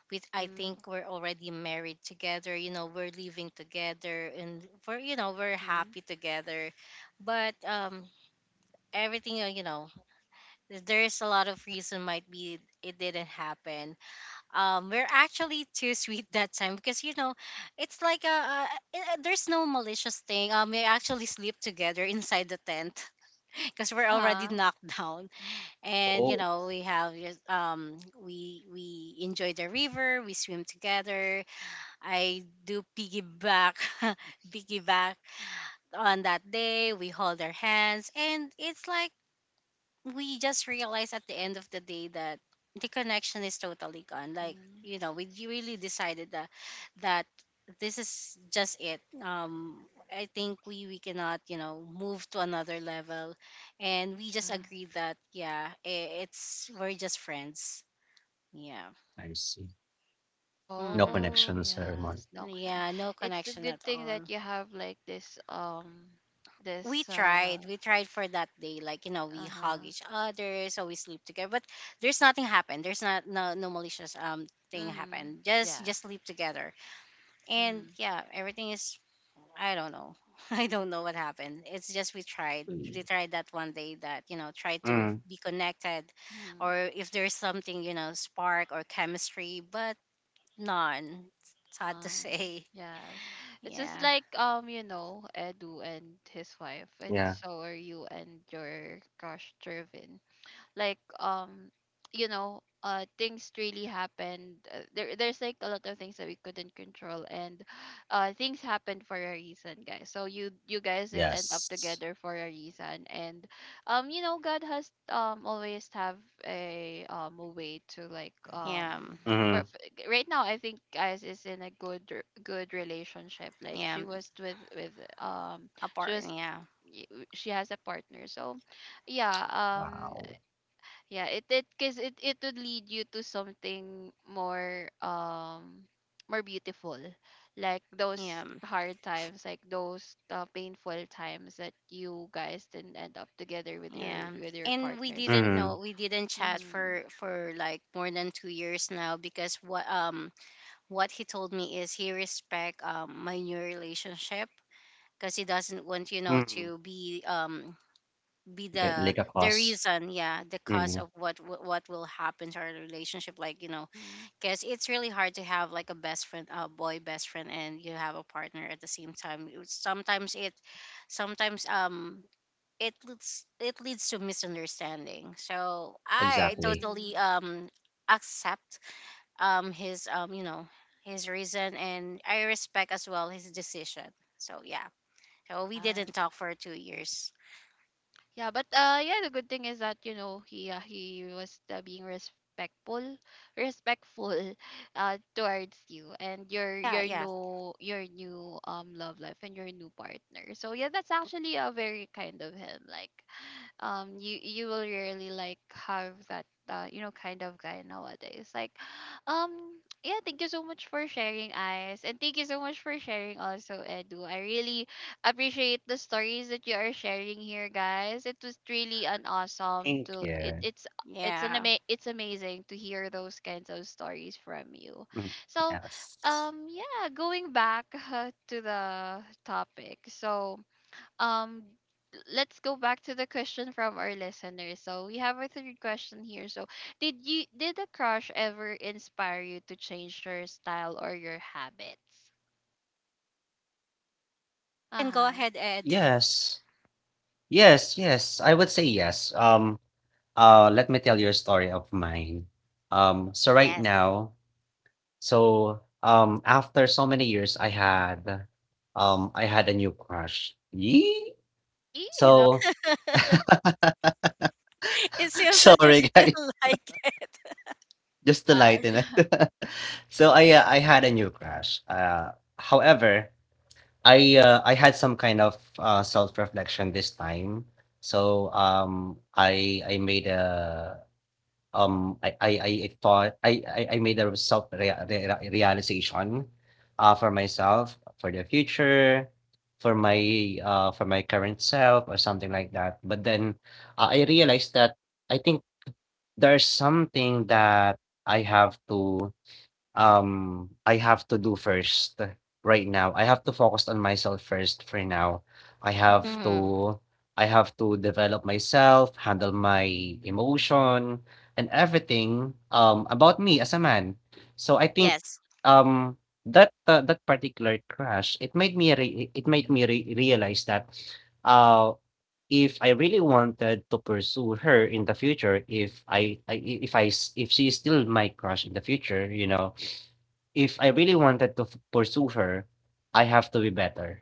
Speaker 2: we I
Speaker 1: Mm-hmm.
Speaker 2: think we're already married together, you know, we're living together and we're, you know, we're
Speaker 1: Mm-hmm.
Speaker 2: happy together. But everything, you know, there's a lot of reason might be it didn't happen. We're actually too sweet that time because, you know, it's like a, there's no malicious thing. We actually sleep together inside the tent because we're already
Speaker 1: Uh-huh.
Speaker 2: knocked down, and you
Speaker 3: Oh,
Speaker 2: know we have just, we enjoy the river, we swim together, I do piggyback piggyback on that day, we hold our hands, and it's like we just realize at the end of the day that the connection is totally gone. Like,
Speaker 1: Mm-hmm.
Speaker 2: you know, really decided that that this is just it. I think we cannot, you know, move to another level, and we
Speaker 1: Yeah.
Speaker 2: just agreed that yeah, I- it's we're just friends. Yeah.
Speaker 3: I see. No
Speaker 2: Mhm.
Speaker 1: Oh,
Speaker 3: connection ceremony.
Speaker 1: yes, the auction.
Speaker 2: Yeah. No
Speaker 1: It's a
Speaker 2: connection
Speaker 1: good
Speaker 2: at
Speaker 1: thing
Speaker 2: all.
Speaker 1: that you have like this, this uh
Speaker 2: We tried for that day, like, you know, we hug
Speaker 1: uh-huh.
Speaker 2: each other, so we sleep together, but there's nothing happened, there's not no, no malicious thing
Speaker 1: Mm-hmm.
Speaker 2: happened, just
Speaker 1: Yeah.
Speaker 2: sleep together and
Speaker 1: Mm-hmm.
Speaker 2: yeah everything is, I don't know I don't know what happened, it's just
Speaker 3: Mm.
Speaker 2: we tried that one day that, you know, try to
Speaker 3: Mm,
Speaker 2: be connected,
Speaker 1: Mm-hmm.
Speaker 2: or if there's something, you know, spark or chemistry, but none, sad to
Speaker 1: None.
Speaker 2: say,
Speaker 1: Yes. It's just
Speaker 2: yeah,
Speaker 1: like, you know, Edu and his wife, and
Speaker 3: yeah.
Speaker 1: so are you and your crush Jervin. Like, you know, uh, things really happened. There, there's like a lot of things that we couldn't control, and, uh, things happened for a reason, guys. So you guys didn't end up
Speaker 3: Yes.
Speaker 1: together for a reason, and, um, you know, God has, um, always have a, um, a way to like, um,
Speaker 2: yeah,
Speaker 1: for,
Speaker 3: Mhm.
Speaker 1: f right now I think guys is in a good, good relationship, like
Speaker 2: yeah,
Speaker 1: she was with, um, she
Speaker 2: apart,
Speaker 1: was,
Speaker 2: yeah,
Speaker 1: y- she has a partner. So yeah, um,
Speaker 3: Wow.
Speaker 1: yeah, it 'cause it would lead you to something more, um, more beautiful, like those
Speaker 2: yeah.
Speaker 1: hard times, like those, painful times that you guys didn't end up together with
Speaker 2: Yeah.
Speaker 1: your, with your
Speaker 2: And we
Speaker 1: partners.
Speaker 2: didn't
Speaker 3: Mhm,
Speaker 2: know, we didn't chat
Speaker 1: Mm-hmm.
Speaker 2: for like more than 2 years now, because what, what he told me is he respect my new relationship, because he doesn't want, you know,
Speaker 3: mm.
Speaker 2: to be
Speaker 3: Okay, like a
Speaker 2: the
Speaker 3: cause.
Speaker 2: reason, yeah, the cause
Speaker 3: Mm.
Speaker 2: of what will happen to our relationship, like, you know,
Speaker 1: Mm-hmm.
Speaker 2: because it's really hard to have like a best friend, a boy best friend, and you have a partner at the same time. It- sometimes it Sometimes it leads to misunderstanding. So I
Speaker 3: Exactly.
Speaker 1: Mm-hmm.
Speaker 2: totally accept his, you know, his reason, and I respect as well his decision. So yeah. So we didn't
Speaker 1: Yes.
Speaker 2: talk for 2 years.
Speaker 1: Yeah, but, yeah, the good thing is that, you know, he, he was, being respectful, respectful, towards you and your
Speaker 2: Yeah,
Speaker 1: your
Speaker 2: yeah.
Speaker 1: new, your new, um, love life and your new partner. So yeah, that's actually a very kind of him. Like, um, you will really like have that, you know, kind of guy nowadays. Like um, yeah, thank you so much for sharing, eyes, and thank you so much for sharing also, Edu. I really appreciate the stories that you are sharing here, guys. It was really an awesome
Speaker 3: Thank
Speaker 1: to,
Speaker 3: you.
Speaker 1: it's
Speaker 2: Yeah.
Speaker 1: it's an it's amazing to hear those kinds of stories from you.
Speaker 3: Mm.
Speaker 1: So,
Speaker 3: Yes.
Speaker 1: um, yeah, going back to the topic. So, um, let's go back to the question from our listeners. So we have a third question here. So did you, did a crush ever inspire you to change your style or your habits?
Speaker 2: And go
Speaker 1: Uh-huh.
Speaker 2: ahead, Ed.
Speaker 3: Yes. Yes, yes, I would say yes. Let me tell you a story of mine. So right
Speaker 2: Yes.
Speaker 3: now so, after so many years, I had a new crush. Yee!
Speaker 1: See? You know?
Speaker 3: So,
Speaker 2: It seems that you
Speaker 3: sorry guys.
Speaker 2: still like it.
Speaker 3: Just to
Speaker 1: Yes.
Speaker 3: lighten it. So I had a new crush. However, I had some kind of self-reflection this time. So I made a um I I, I thought I made a realization for myself for the future for my for my current self or something like that. But then I realized that I think there's something that I have to I have to do first right now. I have to focus on myself first for now. I have
Speaker 1: Mhm.
Speaker 2: Mm-hmm.
Speaker 3: to I have to develop myself, handle my emotion and everything about me as a man. So I think
Speaker 2: Yes.
Speaker 3: um that that particular crash, it made me realize that uh if I really wanted to pursue her in the future, if I if she is still my crush in the future, you know, if I really wanted to pursue her, I have to be better.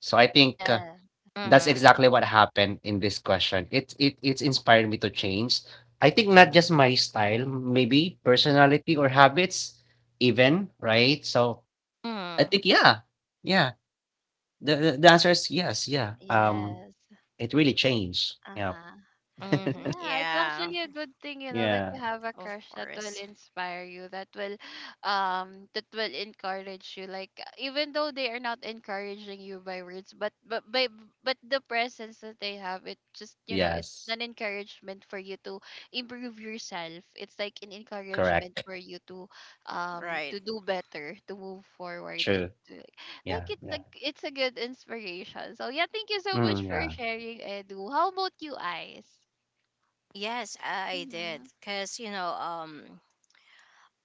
Speaker 3: So I think
Speaker 1: Yeah.
Speaker 3: that's
Speaker 2: Mm-hmm.
Speaker 3: exactly what happened in this question. It's inspired me to change. I think not just my style, maybe personality or habits, even right. So I
Speaker 2: Mm-hmm.
Speaker 3: think yeah, yeah. The answer is yes,
Speaker 1: Mm,
Speaker 3: yeah.
Speaker 1: yes.
Speaker 3: It really changed. Yeah,
Speaker 1: Uh-huh.
Speaker 2: Mm-hmm.
Speaker 1: Yeah, it's
Speaker 2: Yeah,
Speaker 1: actually a good thing, you know, that
Speaker 3: yeah,
Speaker 1: you have a
Speaker 2: of
Speaker 1: crush that will
Speaker 2: course.
Speaker 1: inspire you, that will, um, that will encourage you. Like, even though they are not encouraging you by words, but by, but the presence that they have, it just, you know, it's
Speaker 3: yes,
Speaker 1: an encouragement for you to improve yourself. It's like an encouragement
Speaker 3: correct,
Speaker 1: for you to, um,
Speaker 2: Right.
Speaker 1: to do better, to move forward,
Speaker 3: true.
Speaker 1: and to,
Speaker 3: Yeah,
Speaker 1: like, it's a, it's a good inspiration. So yeah, thank you so much for
Speaker 3: yeah,
Speaker 1: sharing, Edu. How about you, Ice?
Speaker 2: Yes, I did.
Speaker 1: Mhm.
Speaker 2: Because, you know, um,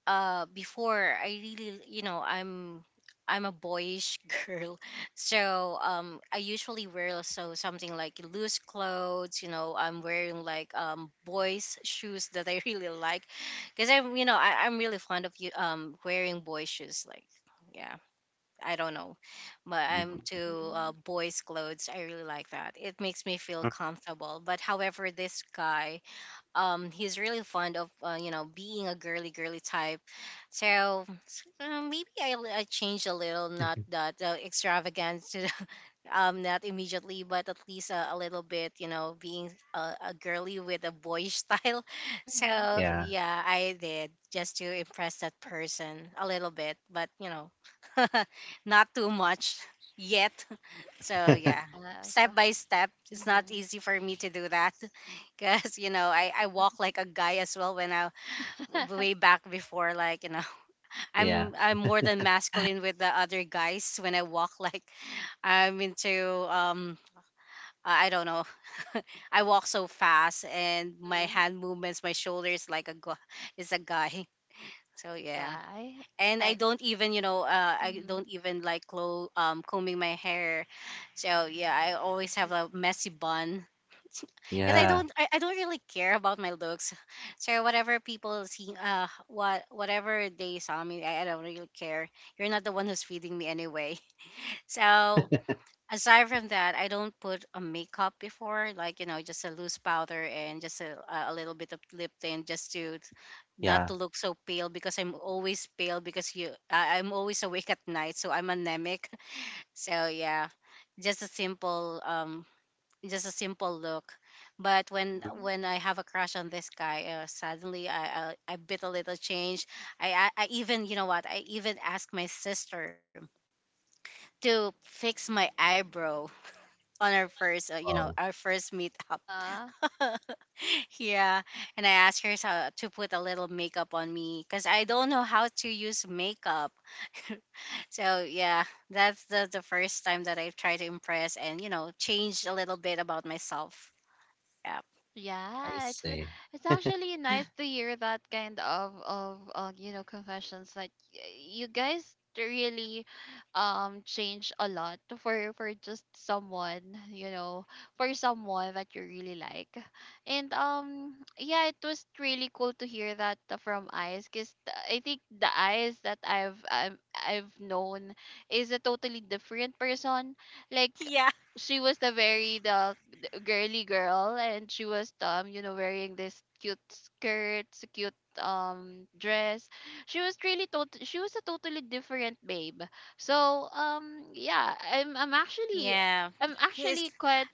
Speaker 2: uh before I really, you know, I'm a boyish girl, so I usually wear so something like loose clothes, you know, I'm wearing like boys shoes that I really like, because i'm, you know, I'm really fond of you, wearing boy shoes, like, yeah, I don't know, but I'm
Speaker 3: mm,
Speaker 2: to,
Speaker 1: Mhm.
Speaker 2: boys clothes, I really like that, it makes me feel
Speaker 3: mm,
Speaker 2: comfortable. But however, this guy, he's really fond of, you know, being a girly girly type. So, maybe, I changed a little, not that, extravagant to not immediately, but at least, a little bit, you know, being a girly with a boyish style
Speaker 1: Mhm.
Speaker 2: so
Speaker 3: yeah,
Speaker 2: yeah, I did, just to impress that person a little bit, but you know, not too much yet. So yeah,
Speaker 1: Yes.
Speaker 2: step by step. It's not
Speaker 1: Mhm.
Speaker 2: easy for me to do that because, you know, I
Speaker 1: Mhm.
Speaker 2: walk like a guy as well when I, way back before, like, you know,
Speaker 3: yeah.
Speaker 2: I'm more than masculine with the other guys when I walk, like, I'm into I don't know I walk so fast, and my
Speaker 1: Mhm.
Speaker 2: hand movements, my shoulders, like a gu- is a guy. So yeah.
Speaker 1: Yeah,
Speaker 2: And I
Speaker 1: I
Speaker 2: don't even, you know, I don't
Speaker 1: mhm.
Speaker 2: even like combing my hair, so yeah, I always have a messy bun because
Speaker 3: Yeah,
Speaker 2: I don't really care about my looks, so whatever people see, what whatever they saw me I don't really care, you're not the one who's feeding me anyway. So aside from that, I don't put a makeup before, like, you know, just a loose powder and just a little bit of lip tint, just to, not
Speaker 3: yeah.
Speaker 2: to look so pale, because I'm always pale because I'm always awake at night, so I'm anemic. So yeah, just a simple look. But when
Speaker 3: Mm,
Speaker 1: Mhm.
Speaker 2: I have a crush on this guy, suddenly, I bit a little change. I even, you know what, I even asked my sister to fix my eyebrow on our first, you know,
Speaker 3: wow,
Speaker 2: our first meetup.
Speaker 1: Uh-huh.
Speaker 2: Yeah, and I asked her, to put a little makeup on me because I don't know how to use makeup. So yeah, that's the first time that I've tried to impress and, you know, change a little bit about myself. Yeah,
Speaker 3: I
Speaker 1: Yeah,
Speaker 3: see.
Speaker 1: it's actually nice to hear that kind of, you know, confessions that, you guys really, um, change a lot for just someone, you know, for someone that you really like. And, um, yeah, it was really cool to hear that from eyes, because I think the eyes that I've known is a totally different person. Like,
Speaker 2: yeah.
Speaker 1: she was the very the girly girl, and she was, um, you know, wearing this cute skirt, cute, um, dress. She was really she was a totally different babe. So, um, yeah, I'm actually,
Speaker 2: Yeah.
Speaker 1: I'm actually
Speaker 2: It's—
Speaker 1: quite,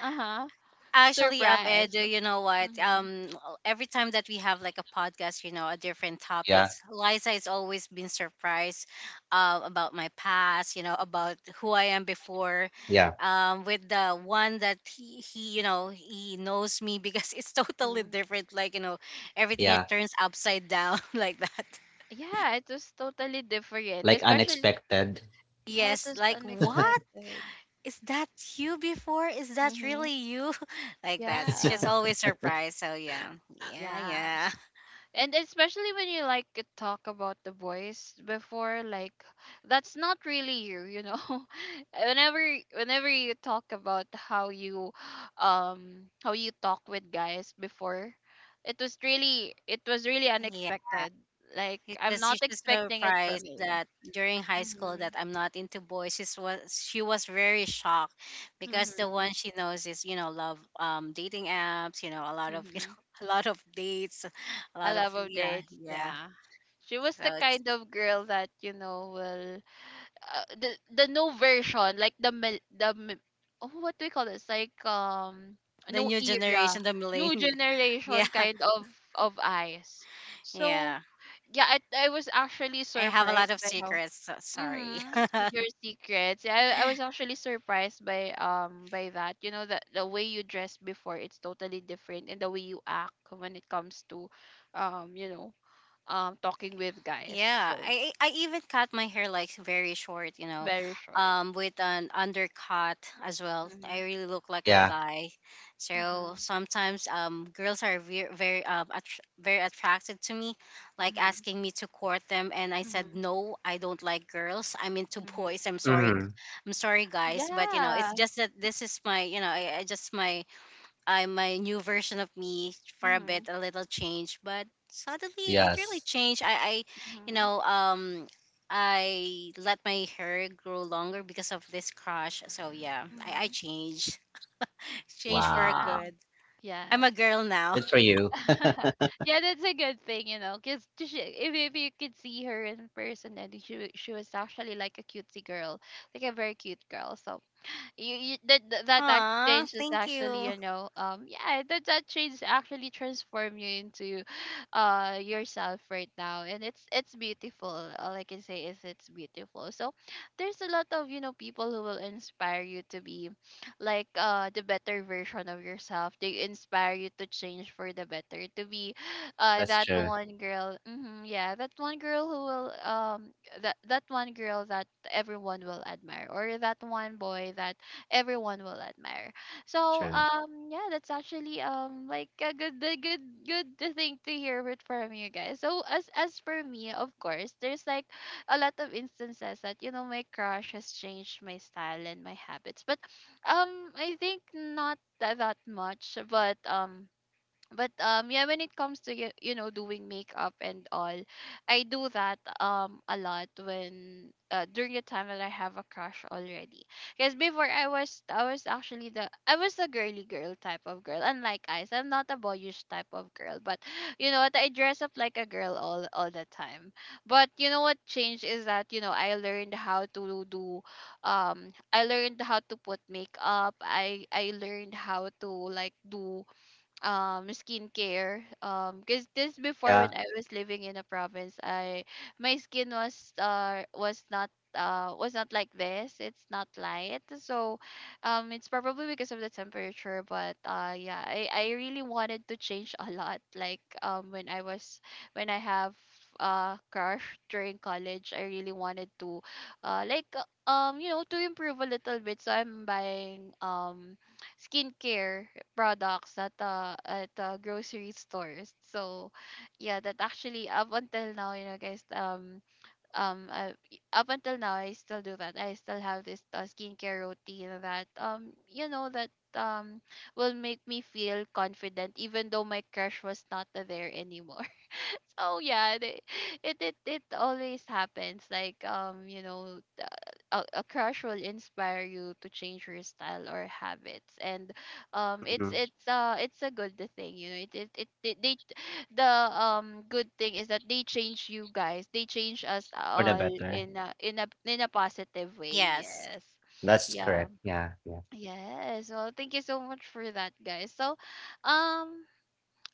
Speaker 1: uh-huh,
Speaker 2: actually, Ed,
Speaker 1: surprised,
Speaker 2: you know what?
Speaker 1: mm-hmm.
Speaker 2: Every time that we have like a podcast, you know, a different
Speaker 3: Yeah,
Speaker 2: topics, Liza has always been surprised, about my past, you know, about who I am before,
Speaker 3: yeah,
Speaker 2: with the one that he, you know, he knows me because it's totally
Speaker 1: Hmm.
Speaker 2: different. Like, you know, everything it
Speaker 3: yeah,
Speaker 2: turns upside down like that.
Speaker 1: Yeah, it was totally different,
Speaker 3: like
Speaker 1: especially,
Speaker 3: unexpected.
Speaker 1: yeah, it
Speaker 2: Yes,
Speaker 1: was
Speaker 2: like what?
Speaker 1: unexpected.
Speaker 2: Is that you before? Is that
Speaker 1: Mm-hmm.
Speaker 2: really you? Like that. She's
Speaker 1: Yeah.
Speaker 2: always surprised. So yeah. Yeah,
Speaker 1: Yes.
Speaker 2: yeah.
Speaker 1: And especially when you like could talk about the boys before, like, that's not really you, you know. Whenever, whenever you talk about how you, um, how you talk with guys before, it was really, it was really
Speaker 2: Yeah,
Speaker 1: unexpected. Like, I'm
Speaker 2: because
Speaker 1: not
Speaker 2: she's just
Speaker 1: expecting it from
Speaker 2: surprised
Speaker 1: you.
Speaker 2: that during high school that
Speaker 1: Mhm.
Speaker 2: I'm not into boys. She was very shocked because the
Speaker 1: Mhm.
Speaker 2: one she knows is, you know, love dating apps. You know, a lot of you
Speaker 1: Mhm.
Speaker 2: know, a lot of dates, a
Speaker 1: I
Speaker 2: lot of,
Speaker 1: love of
Speaker 2: yeah,
Speaker 1: dates,
Speaker 2: yeah.
Speaker 1: yeah. She was
Speaker 2: So
Speaker 1: the
Speaker 2: it's
Speaker 1: kind of girl that, you know, will, the no version like the mil- the mi- oh, what do we call this, like, um,
Speaker 2: the
Speaker 1: no
Speaker 2: new
Speaker 1: era,
Speaker 2: generation, the
Speaker 1: new
Speaker 2: millennial. Yeah,
Speaker 1: generation kind of eyes. So
Speaker 2: yeah.
Speaker 1: yeah, I was actually
Speaker 2: I have a lot
Speaker 1: surprised
Speaker 2: of
Speaker 1: by how,
Speaker 2: secrets. So sorry.
Speaker 1: mm-hmm, your secrets, yeah, I was actually surprised by, um, by that, you know, that the way you dress before, it's totally different, and the way you act when it comes to, um, you know, um, talking with guys.
Speaker 2: Yeah,
Speaker 1: So
Speaker 2: I even cut my hair like very short, you know,
Speaker 1: very short,
Speaker 2: with an undercut as well.
Speaker 1: mm-hmm,
Speaker 2: I really look like a
Speaker 3: Yeah,
Speaker 2: guy, so
Speaker 1: mm-hmm.
Speaker 2: sometimes, girls are very attracted to me, like
Speaker 1: Mhm,
Speaker 2: asking me to court them, and I said
Speaker 1: mhm,
Speaker 2: no, I don't like girls. I'm into
Speaker 1: mhm.
Speaker 2: boys.
Speaker 3: mhm,
Speaker 2: I'm sorry, guys, but, you know, it's
Speaker 1: Yeah.
Speaker 2: just that, this is my, you know, I just my, I'm my new version of me, for a bit,
Speaker 1: Mhm,
Speaker 2: a little change, but suddenly it really
Speaker 3: yes.
Speaker 2: changed. I You
Speaker 1: mhm,
Speaker 2: know, I let my hair grow longer because of this crush. So yeah, I
Speaker 1: mhm.
Speaker 2: changed, changed for a
Speaker 1: Yeah.
Speaker 3: Wow,
Speaker 2: good. I'm
Speaker 1: Yes.
Speaker 2: a girl now.
Speaker 3: good for you.
Speaker 1: Yeah, that's a good thing, you know, because she, if you could see her in person, and she she was actually like a cutesy girl, like a very cute girl. So you, that act
Speaker 2: Aw,
Speaker 1: change is
Speaker 2: thank
Speaker 1: actually,
Speaker 2: you.
Speaker 1: you know, um, yeah, that that change actually transform you into, uh, yourself right now, and it's beautiful. All I can say is it's beautiful. So there's a lot of, you know, people who will inspire you to be like, uh, the better version of yourself. They inspire you to change for the better, to be, uh,
Speaker 3: That's
Speaker 1: that
Speaker 3: true,
Speaker 1: one girl, hmm, yeah, that one girl who will, um, that one girl that everyone will admire, or that one boy that everyone will admire. So,
Speaker 3: true.
Speaker 1: um, yeah, that's actually, um, like a good, the good, good thing to hear it from you guys. So as for me, of course, there's like a lot of instances that, you know, my crush has changed my style and my habits. But I think not that much, but yeah, when it comes to, you know, doing makeup and all, I do that a lot when during the time that I have a crush already. Because before, I was actually the I was the girly girl type of girl, unlike Eyes. I'm not a boyish type of girl, but you know what, I dress up like a girl all the time. But you know what changed is that, you know, I learned how to do I learned how to put makeup. I learned how to like do skincare, because this before,
Speaker 3: Yeah,
Speaker 1: when I was living in a province, I, my skin was not like this. It's not light. So it's probably because of the temperature. But yeah, I really wanted to change a lot, like when I was, when I have crush during college. I really wanted to like you know, to improve a little bit. So I'm buying skincare products at grocery stores. So yeah, that, actually up until now, you know, guys, um uh, up until now I still do that. I still have this skincare routine that, you know, that will make me feel confident even though my crush was not there anymore. So yeah, it always happens, like you know, a crush will inspire you to change your style or habits. And
Speaker 3: mhm,
Speaker 1: it's a good thing, you know. It they The good thing is that they change you guys. They change us
Speaker 3: for the
Speaker 1: all
Speaker 3: better.
Speaker 1: in a positive way.
Speaker 2: Yes.
Speaker 1: Yes.
Speaker 3: That's
Speaker 1: Yeah.
Speaker 3: correct. Yeah, yeah.
Speaker 1: Yes. Well, thank you so much for that, guys. So, um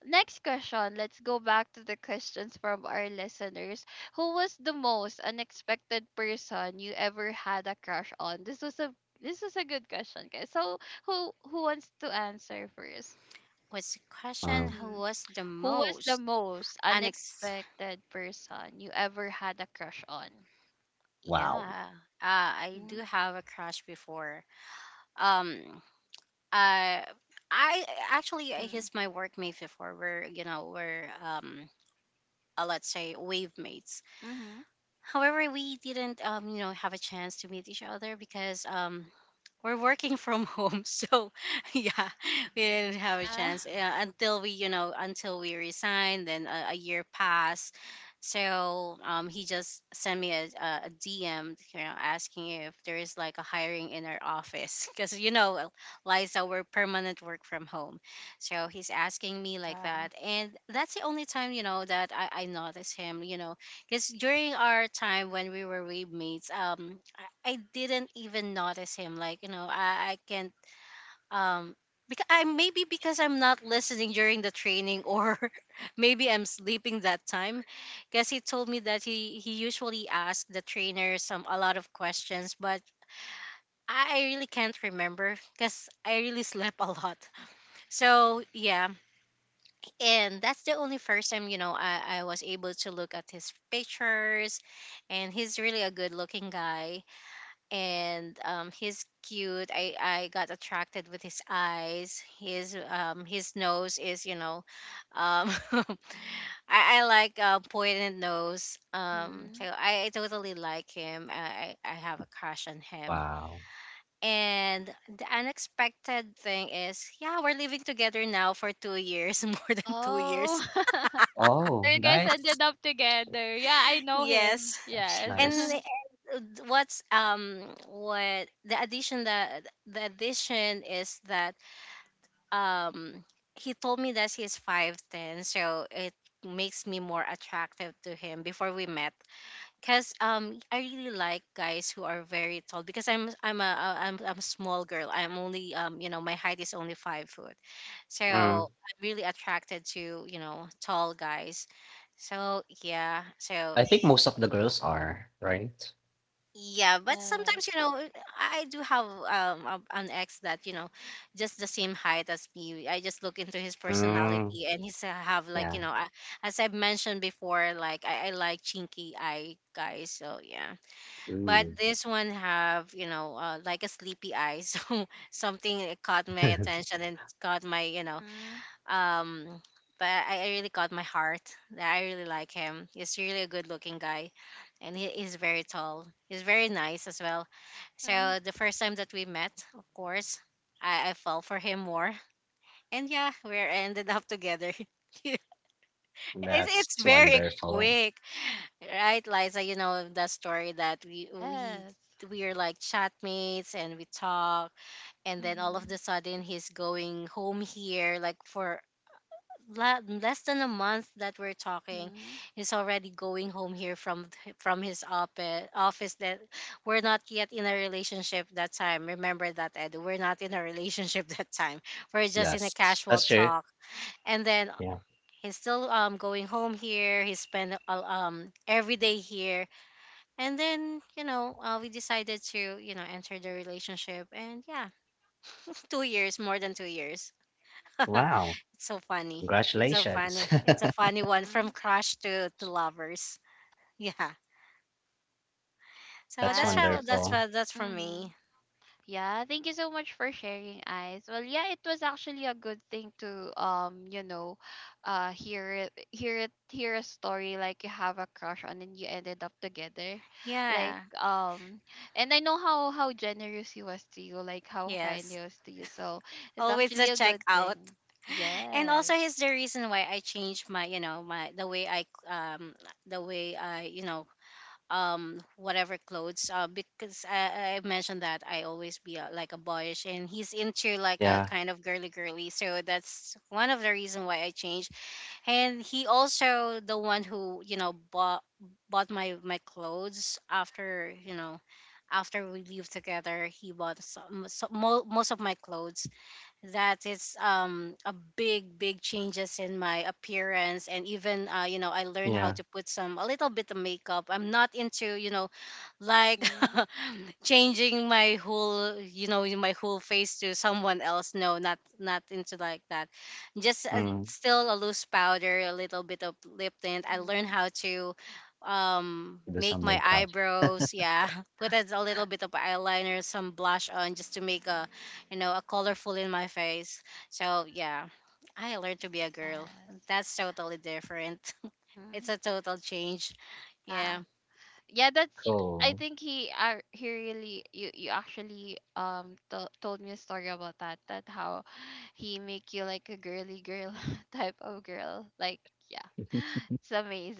Speaker 1: next question, let's go back to the questions from our listeners. Who was the most unexpected person you ever had a crush on? This was a good question, guys. So, who wants to answer first?
Speaker 2: What's the question?
Speaker 3: Mm,
Speaker 2: Who
Speaker 1: Mhm.
Speaker 2: was the
Speaker 1: Who was the
Speaker 2: most
Speaker 1: most
Speaker 2: unex?
Speaker 1: unexpected person you ever had a crush on?
Speaker 3: wow,
Speaker 2: Yeah. I do
Speaker 1: Mhm.
Speaker 2: have a crush before. Um, Uh, I actually
Speaker 1: Mhm.
Speaker 2: he's my workmate before. We're, you know, we're let's say, wave mates.
Speaker 1: Mhm.
Speaker 2: However, we didn't have a chance to meet each other because we're working from home so yeah we didn't have a
Speaker 1: Yeah.
Speaker 2: chance until we until we resigned, then a year passed. So he just sent me a dm, asking if there is like a hiring in our office because you know, Liza, we're permanent work from home. So he's asking me like
Speaker 1: Yeah.
Speaker 2: that, and that's the only time that I notice him, you know, because during our time when we were roommates, I didn't even notice him. Like you know, I can't um because I, maybe because I'm not listening during the training, or maybe I'm sleeping that time. Because he told me that he usually asked the trainer some a lot of questions, but I really can't remember because I really slept a lot. So yeah, and that's the only first time, you know, I was able to look at his pictures, and he's really a good looking guy. And he's cute. I got attracted with his eyes, his nose is, you know, um, I, I like pointed nose, so
Speaker 1: Mhm.
Speaker 2: I totally like him. I have a crush on him.
Speaker 3: wow.
Speaker 2: And the unexpected thing is, yeah, we're living together now for 2 years, more than two
Speaker 1: Oh.
Speaker 2: years.
Speaker 1: So
Speaker 3: Oh,
Speaker 1: you guys ended up together. Yeah, I know him.
Speaker 2: Yes.
Speaker 3: that's
Speaker 1: Yes.
Speaker 2: And
Speaker 3: nice.
Speaker 2: what's what the addition that the addition is that um he told me that he's 5'10, so it makes me more attractive to him before we met, cuz I really like guys who are very tall because I'm a small girl. I'm only my height is only 5 foot. So
Speaker 3: Mm,
Speaker 2: I'm really attracted to, you know, tall guys. So yeah, so
Speaker 3: I think most of the girls are, right?
Speaker 2: yeah, but sometimes
Speaker 1: Yes.
Speaker 2: you know, I do have an ex that, you know, just the same height as me. I just look into his
Speaker 3: Mm,
Speaker 2: personality, and he's have like
Speaker 3: yeah.
Speaker 2: you know, as I've mentioned before, like I like chinky eye guys. So yeah, but
Speaker 3: Mm.
Speaker 2: this one have, you know, like a sleepy eye. So something caught my attention and caught my, you know,
Speaker 1: Mhm.
Speaker 2: um, but I really got my heart. I really like him. He's really a good looking guy, and he is very tall. He's very nice as well.
Speaker 1: Mhm.
Speaker 2: So the first time that we met, of course, I fell for him more, and yeah, we ended up together. It's it's
Speaker 3: That's
Speaker 2: very
Speaker 3: wonderful.
Speaker 2: quick, right, Liza? You know the story that we we
Speaker 1: Yes.
Speaker 2: we are like chatmates and we talk, and then all of
Speaker 1: Mhm.
Speaker 2: the sudden he's going home here like for less than a month that we're talking.
Speaker 1: Mhm.
Speaker 2: He's already going home here from from his office office, that we're not yet in a relationship that time. Remember that, Ed? We're not in a relationship that time. We're just in a
Speaker 3: Yes,
Speaker 2: casual
Speaker 3: that's true.
Speaker 2: talk, and then
Speaker 3: Yeah.
Speaker 2: he's still going home here. He spent every day here, and then, you know, we decided to, you know, enter the relationship. And yeah, 2 years, more than 2 years. It's
Speaker 3: Wow,
Speaker 2: so funny. It's so funny.
Speaker 3: congratulations.
Speaker 2: It's a funny one, from
Speaker 1: Mhm.
Speaker 2: crush to lovers. Yeah. So
Speaker 3: That's
Speaker 2: that's
Speaker 1: Yes.
Speaker 2: how
Speaker 1: That's right.
Speaker 2: that's
Speaker 3: wonderful.
Speaker 2: what that's for
Speaker 1: Mhm.
Speaker 2: me.
Speaker 1: Yeah, thank you so much for sharing, Eyes. Well, yeah, it was actually a good thing to, you know, hear a story like you have a crush on and you ended up together, like
Speaker 2: Yeah.
Speaker 1: and I know how, generous he was to you, like how kind
Speaker 2: Yes.
Speaker 1: he was to you. So it's
Speaker 2: Always the
Speaker 1: actually a good
Speaker 2: checkout.
Speaker 1: thing.
Speaker 2: And
Speaker 1: Yes.
Speaker 2: also, here's the reason why I changed my, you know, my the way I the way I, you know, whatever clothes, uh, because I mentioned that I always be like a boyish, and he's into like a
Speaker 3: Yeah,
Speaker 2: kind of girly girly, so that's one of the reason why I changed. And he also the one who, you know, bought my clothes after, you know, after we live together. He bought some, so, most of my clothes. That it's a big big changes in my appearance. And even you know, I learned how
Speaker 3: yeah.
Speaker 2: to put some a little bit of makeup. I'm not into, you know, like
Speaker 1: Mm-hmm.
Speaker 2: changing my whole, you know, my whole face to someone else. No, not into like that. Just
Speaker 3: Mm.
Speaker 2: still a loose powder, a little bit of lip tint. I learned
Speaker 1: Mm-hmm.
Speaker 2: how to
Speaker 3: Do
Speaker 2: make
Speaker 3: some
Speaker 2: my
Speaker 3: makeup.
Speaker 2: eyebrows, yeah. Put a little bit of eyeliner, some blush on, just to make a, you know, a colorful in my face. So yeah, I learned to be a girl.
Speaker 1: Yes.
Speaker 2: That's totally different.
Speaker 1: Mm-hmm.
Speaker 2: It's a total change.
Speaker 1: Yeah.
Speaker 2: Yeah.
Speaker 1: Yeah that's I
Speaker 3: Cool.
Speaker 1: think he, he really, you actually told me a story about that, that how he make you like a girly girl type of girl, like yeah. It's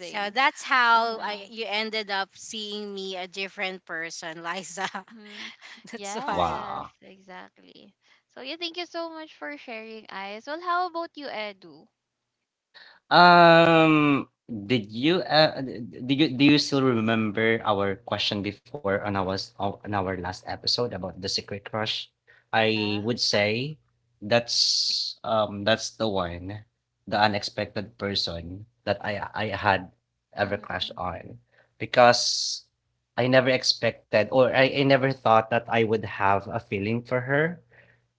Speaker 2: So that's how I
Speaker 1: Uh-huh.
Speaker 2: you ended up seeing me a different person, Liza.
Speaker 1: Mm-hmm.
Speaker 2: That's why.
Speaker 1: Yes,
Speaker 3: Wow.
Speaker 1: exactly. So yeah, thank you so much for sharing, Eyes. Well, how about you, Edu?
Speaker 3: Um, did you do you still remember our question before on our on our last episode about the secret crush? I
Speaker 1: Yeah.
Speaker 3: would say that's the one, the unexpected person that I had ever crushed
Speaker 1: Mm-hmm.
Speaker 3: on because I never expected or I never thought that I would have a feeling for her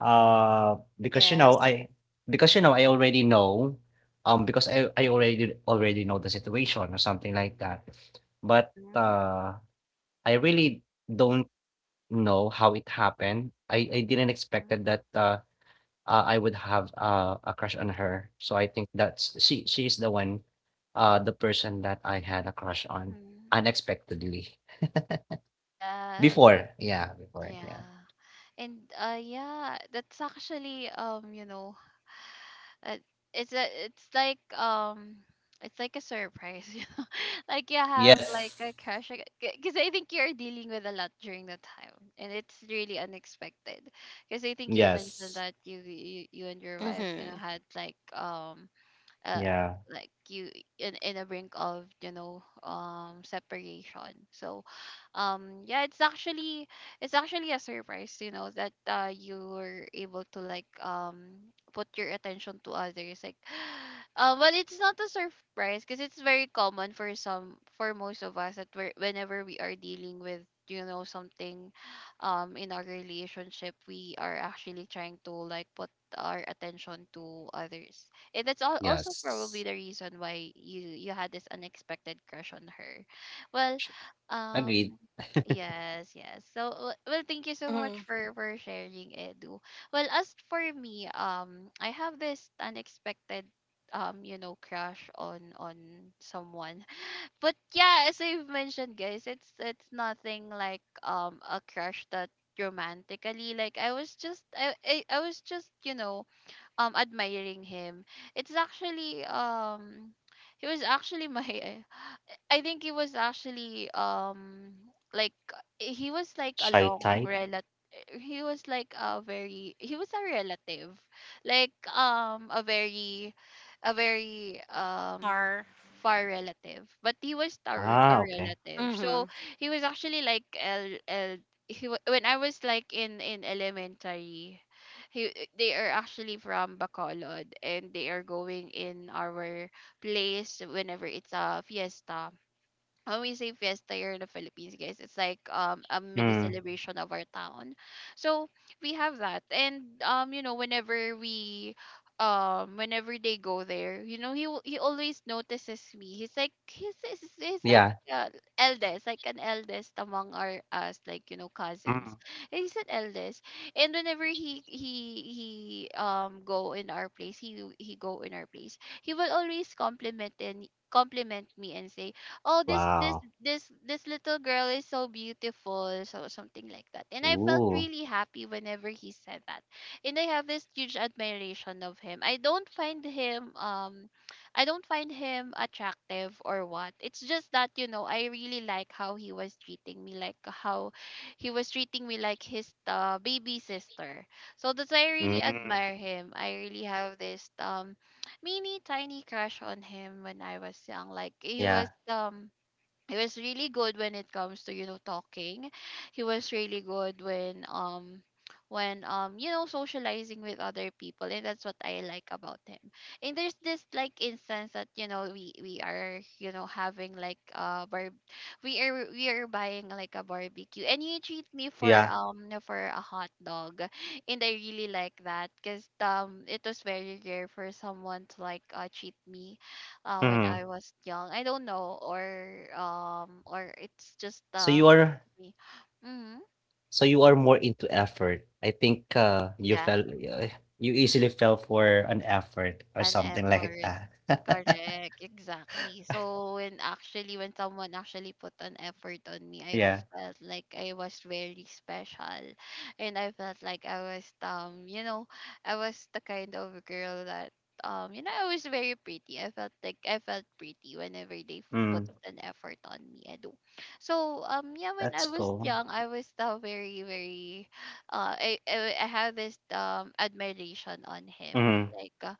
Speaker 3: uh, because, you
Speaker 2: Yes.
Speaker 3: know, I because, you know, I already know, because I already already know the situation or something like that. But,
Speaker 1: Mm-hmm.
Speaker 3: I really don't know how it happened. I didn't
Speaker 1: Mm-hmm.
Speaker 3: expected that, I would have, a crush on her. So I think that's she is the one, the person that I had a crush on
Speaker 1: Mm-hmm.
Speaker 3: unexpectedly.
Speaker 1: Yes.
Speaker 3: Before, yeah, before, yeah.
Speaker 1: Yeah. And yeah, that's actually, you know, uh, it's a, it's like a surprise, you know, like you have like a
Speaker 3: Yes.
Speaker 1: crush, because I think you're dealing with a lot during the time, and it's really unexpected. Because I think you mentioned
Speaker 3: Yes.
Speaker 1: that you, you and your wife, you know,
Speaker 2: Mhm.
Speaker 1: had uh
Speaker 3: Yeah.
Speaker 1: like you, in a brink of, you know, separation. So yeah, it's actually a surprise, you know, that you were able to like put your attention to others, like but it's not a surprise because it's very common for some for most of us that we're, whenever we are dealing with, you know, something in our relationship, we are actually trying to like put our attention to others. Eh, That's al- also probably
Speaker 3: Yes.
Speaker 1: the reason why you had this unexpected crush on her. Well,
Speaker 3: Agreed.
Speaker 1: um yes, yes. So well, thank you so much
Speaker 2: Mhm.
Speaker 1: for sharing, Edu. Well, as for me, I have this unexpected you know, crush on someone. But yeah, as I've mentioned, guys, it's nothing like a crush that, romantically, like I was just, I was just, you know, admiring him. It's actually he was actually my, I think he was actually like he was like a
Speaker 3: Shy
Speaker 1: long
Speaker 3: type?
Speaker 1: relative. He was a relative, like a very
Speaker 2: Par.
Speaker 1: far relative, but he was a
Speaker 3: Ah, okay.
Speaker 1: relative. So
Speaker 2: Mhm.
Speaker 1: he was actually like when I was like in elementary. He, they are actually from Bacolod, and they are going in our place whenever it's a fiesta. When we say fiesta here in the Philippines, guys, it's like a mini
Speaker 3: Mm.
Speaker 1: celebration of our town. So we have that, and you know, whenever we, whenever they go there, you know, he always notices me. He's like.
Speaker 3: Yeah.
Speaker 1: Eldest, like an eldest among our us, like, you know, cousins,
Speaker 3: Mm.
Speaker 1: and he's an eldest. And whenever he, go in our place he, go in our place, he will always compliment and compliment me and say, "Oh,
Speaker 3: Wow.
Speaker 1: this little girl is so beautiful," so something like that. And I felt
Speaker 3: Ooh.
Speaker 1: really happy whenever he said that. And I have this huge admiration of him. I don't find him I don't find him attractive or what. It's just that, you know, I really like how he was treating me, like how he was treating me like his, baby sister. So that's why I really
Speaker 3: Mm.
Speaker 1: admire him. I really have this mini tiny crush on him when I was young. Like,
Speaker 3: Yeah.
Speaker 1: he was really good when it comes to, you know, talking. He was really good when you know, socializing with other people, and that's what I like about him. And there's this like instance that, you know, we are you know, having like bar we are, buying like a barbecue, and he treat me
Speaker 3: Yeah.
Speaker 1: for a hot dog. And I really like that because it was very rare for someone to like treat me when
Speaker 3: Mhm.
Speaker 1: I was young. I don't know, or it's just
Speaker 3: So you are
Speaker 1: it's me. Mm-hmm.
Speaker 3: more into effort. I think, you
Speaker 1: Yeah,
Speaker 3: fell you easily fell for an effort or
Speaker 1: an
Speaker 3: something like
Speaker 1: effort.
Speaker 3: that.
Speaker 1: Correct, exactly. So when, actually, when someone actually put an effort on me, I
Speaker 3: Yeah.
Speaker 1: felt like I was very special, and I felt like I was, you know, I was the kind of girl that you know, I was very pretty. I felt like I felt pretty whenever they put
Speaker 3: Mm.
Speaker 1: an effort on me. I do. So yeah, when I
Speaker 3: That's
Speaker 1: was
Speaker 3: cool.
Speaker 1: young, I was the very, very I have this admiration on him,
Speaker 3: Mhm.
Speaker 1: like.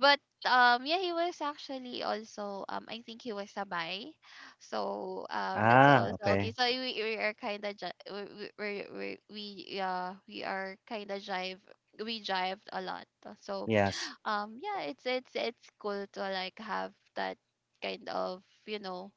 Speaker 1: But yeah, he was actually also I think he was a sabay. So that's
Speaker 3: Ah,
Speaker 1: also okay.
Speaker 3: okay.
Speaker 1: So we are kind of ju- we are kind of jive, we jived a lot. So
Speaker 3: Yes.
Speaker 1: yeah, it's, it's cool to like have that kind of, you know,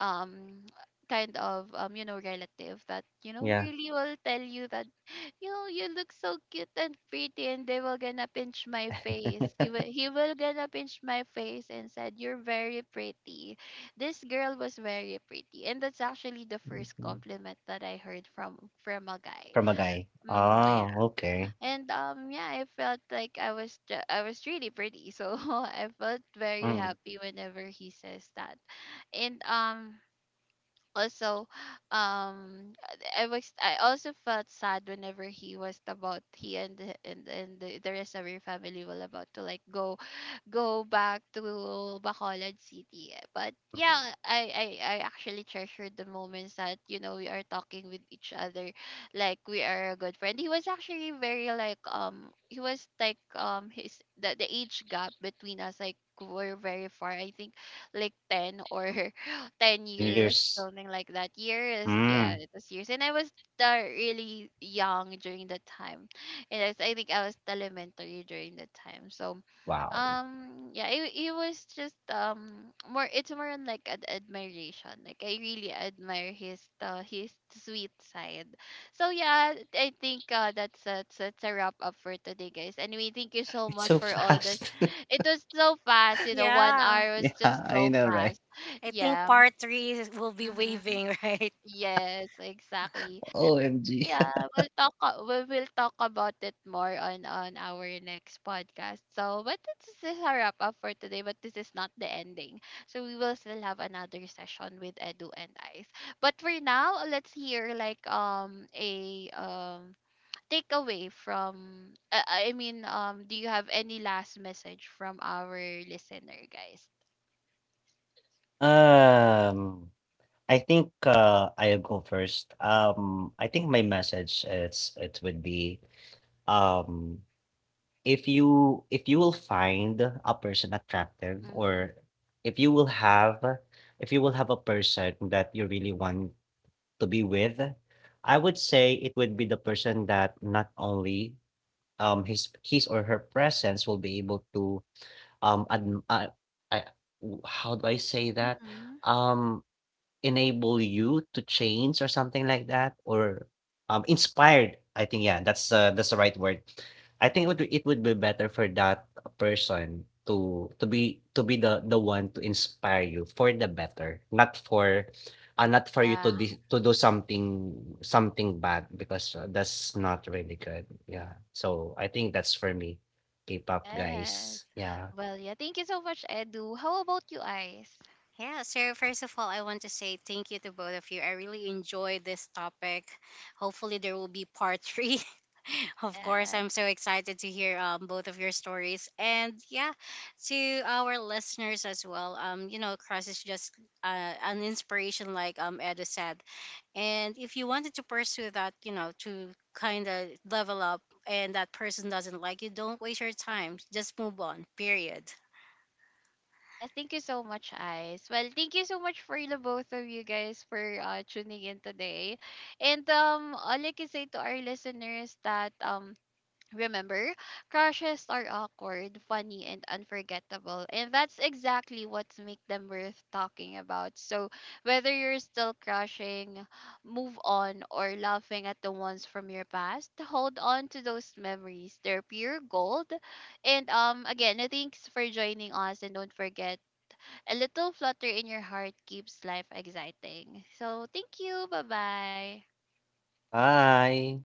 Speaker 1: um you know, relative that, you know,
Speaker 3: Yeah.
Speaker 1: really will tell you that, you know, you look so cute and pretty. And they will gonna pinch my face he will gonna pinch my face and said, "You're very pretty, this girl was very pretty." And that's actually the first
Speaker 3: Mhm.
Speaker 1: compliment that I heard from, a guy.
Speaker 3: From a guy.
Speaker 1: Hmm.
Speaker 3: Oh,
Speaker 1: Yeah.
Speaker 3: okay.
Speaker 1: And yeah, I felt like I was really pretty, so I felt very
Speaker 3: Mm.
Speaker 1: happy whenever he says that. And also, um I was, I also felt sad whenever he was about, he and the rest of your family will about to like go, go back to Bacolod City. Eh. But
Speaker 3: Mhm.
Speaker 1: yeah, I actually treasured the moments that, you know, we are talking with each other. Like, we are a good friend. He was actually very like he was like his the age gap between us, like, were very far. I think like ten or 10 years,
Speaker 3: Years.
Speaker 1: something like that. Years, yeah,
Speaker 3: Mm.
Speaker 1: it was years. And I was really young during that time. And I think I was elementary during that time. So
Speaker 3: Wow.
Speaker 1: yeah, it was just more. It's more on like an admiration. Like, I really admire his sweet side. So yeah, I think that's a wrap up for today, guys. Anyway, thank you so
Speaker 3: It's
Speaker 1: much
Speaker 3: so
Speaker 1: for all the.
Speaker 3: fast.
Speaker 1: It was so fast. You know, one
Speaker 2: Yeah.
Speaker 1: hour was
Speaker 3: Yeah,
Speaker 1: just
Speaker 3: I
Speaker 1: so
Speaker 3: know, right?
Speaker 1: fast.
Speaker 2: I think
Speaker 1: Yeah.
Speaker 2: part three will be
Speaker 1: Mm-hmm.
Speaker 2: waving, right?
Speaker 1: Yes, exactly.
Speaker 3: OMG.
Speaker 1: Yeah, we will talk about it more on our next podcast. So, but this is a wrap up for today. But this is not the ending. So we will still have another session with Edu and Ice. But for now, let's hear like a takeaway from. I mean, do you have any last message from our listener, guys?
Speaker 3: Um, I think I'll go first. I think my message is it would be um, if you will find a person attractive
Speaker 1: Mm-hmm.
Speaker 3: or if you will have a person that you really want to be with, I would say it would be the person that not only his or her presence will be able to adm ah, I w- how do I say that?
Speaker 1: Mm-hmm.
Speaker 3: Um, enable you to change or something like that, or, inspired, I think, yeah, that's the right word. I think it would be better for that person to to be the one to inspire you for the better, not for, not for you to
Speaker 1: Yeah.
Speaker 3: dis to do something bad because, that's not really good, yeah. So, I think that's for me, K-pop
Speaker 1: Yes.
Speaker 3: guys, yeah.
Speaker 1: Well, yeah. Thank you so much, Edu. How about you, Ice?
Speaker 2: Yeah, so first of all, I want to say thank you to both of you. I really enjoyed this topic. Hopefully, there will be part three. Of course,
Speaker 1: Yes.
Speaker 2: I'm so excited to hear both of your stories. And yeah, to our listeners as well, you know, Crush is just uh, an inspiration, like Edo said. And if you wanted to pursue that, you know, to kind of level up, and that person doesn't like you, don't waste your time. Just move on, period.
Speaker 1: Yes. Thank you so much, Ice. Well, thank you so much for the both of you guys for tuning in today. And all I can say to our listeners that, remember, crushes are awkward, funny, and unforgettable, and that's exactly what makes them worth talking about. So, whether you're still crushing, move on, or laughing at the ones from your past, hold on to those memories. They're pure gold. And again, thanks for joining us, and don't forget, a little flutter in your heart keeps life exciting. So, thank you. Bye bye.
Speaker 3: Bye.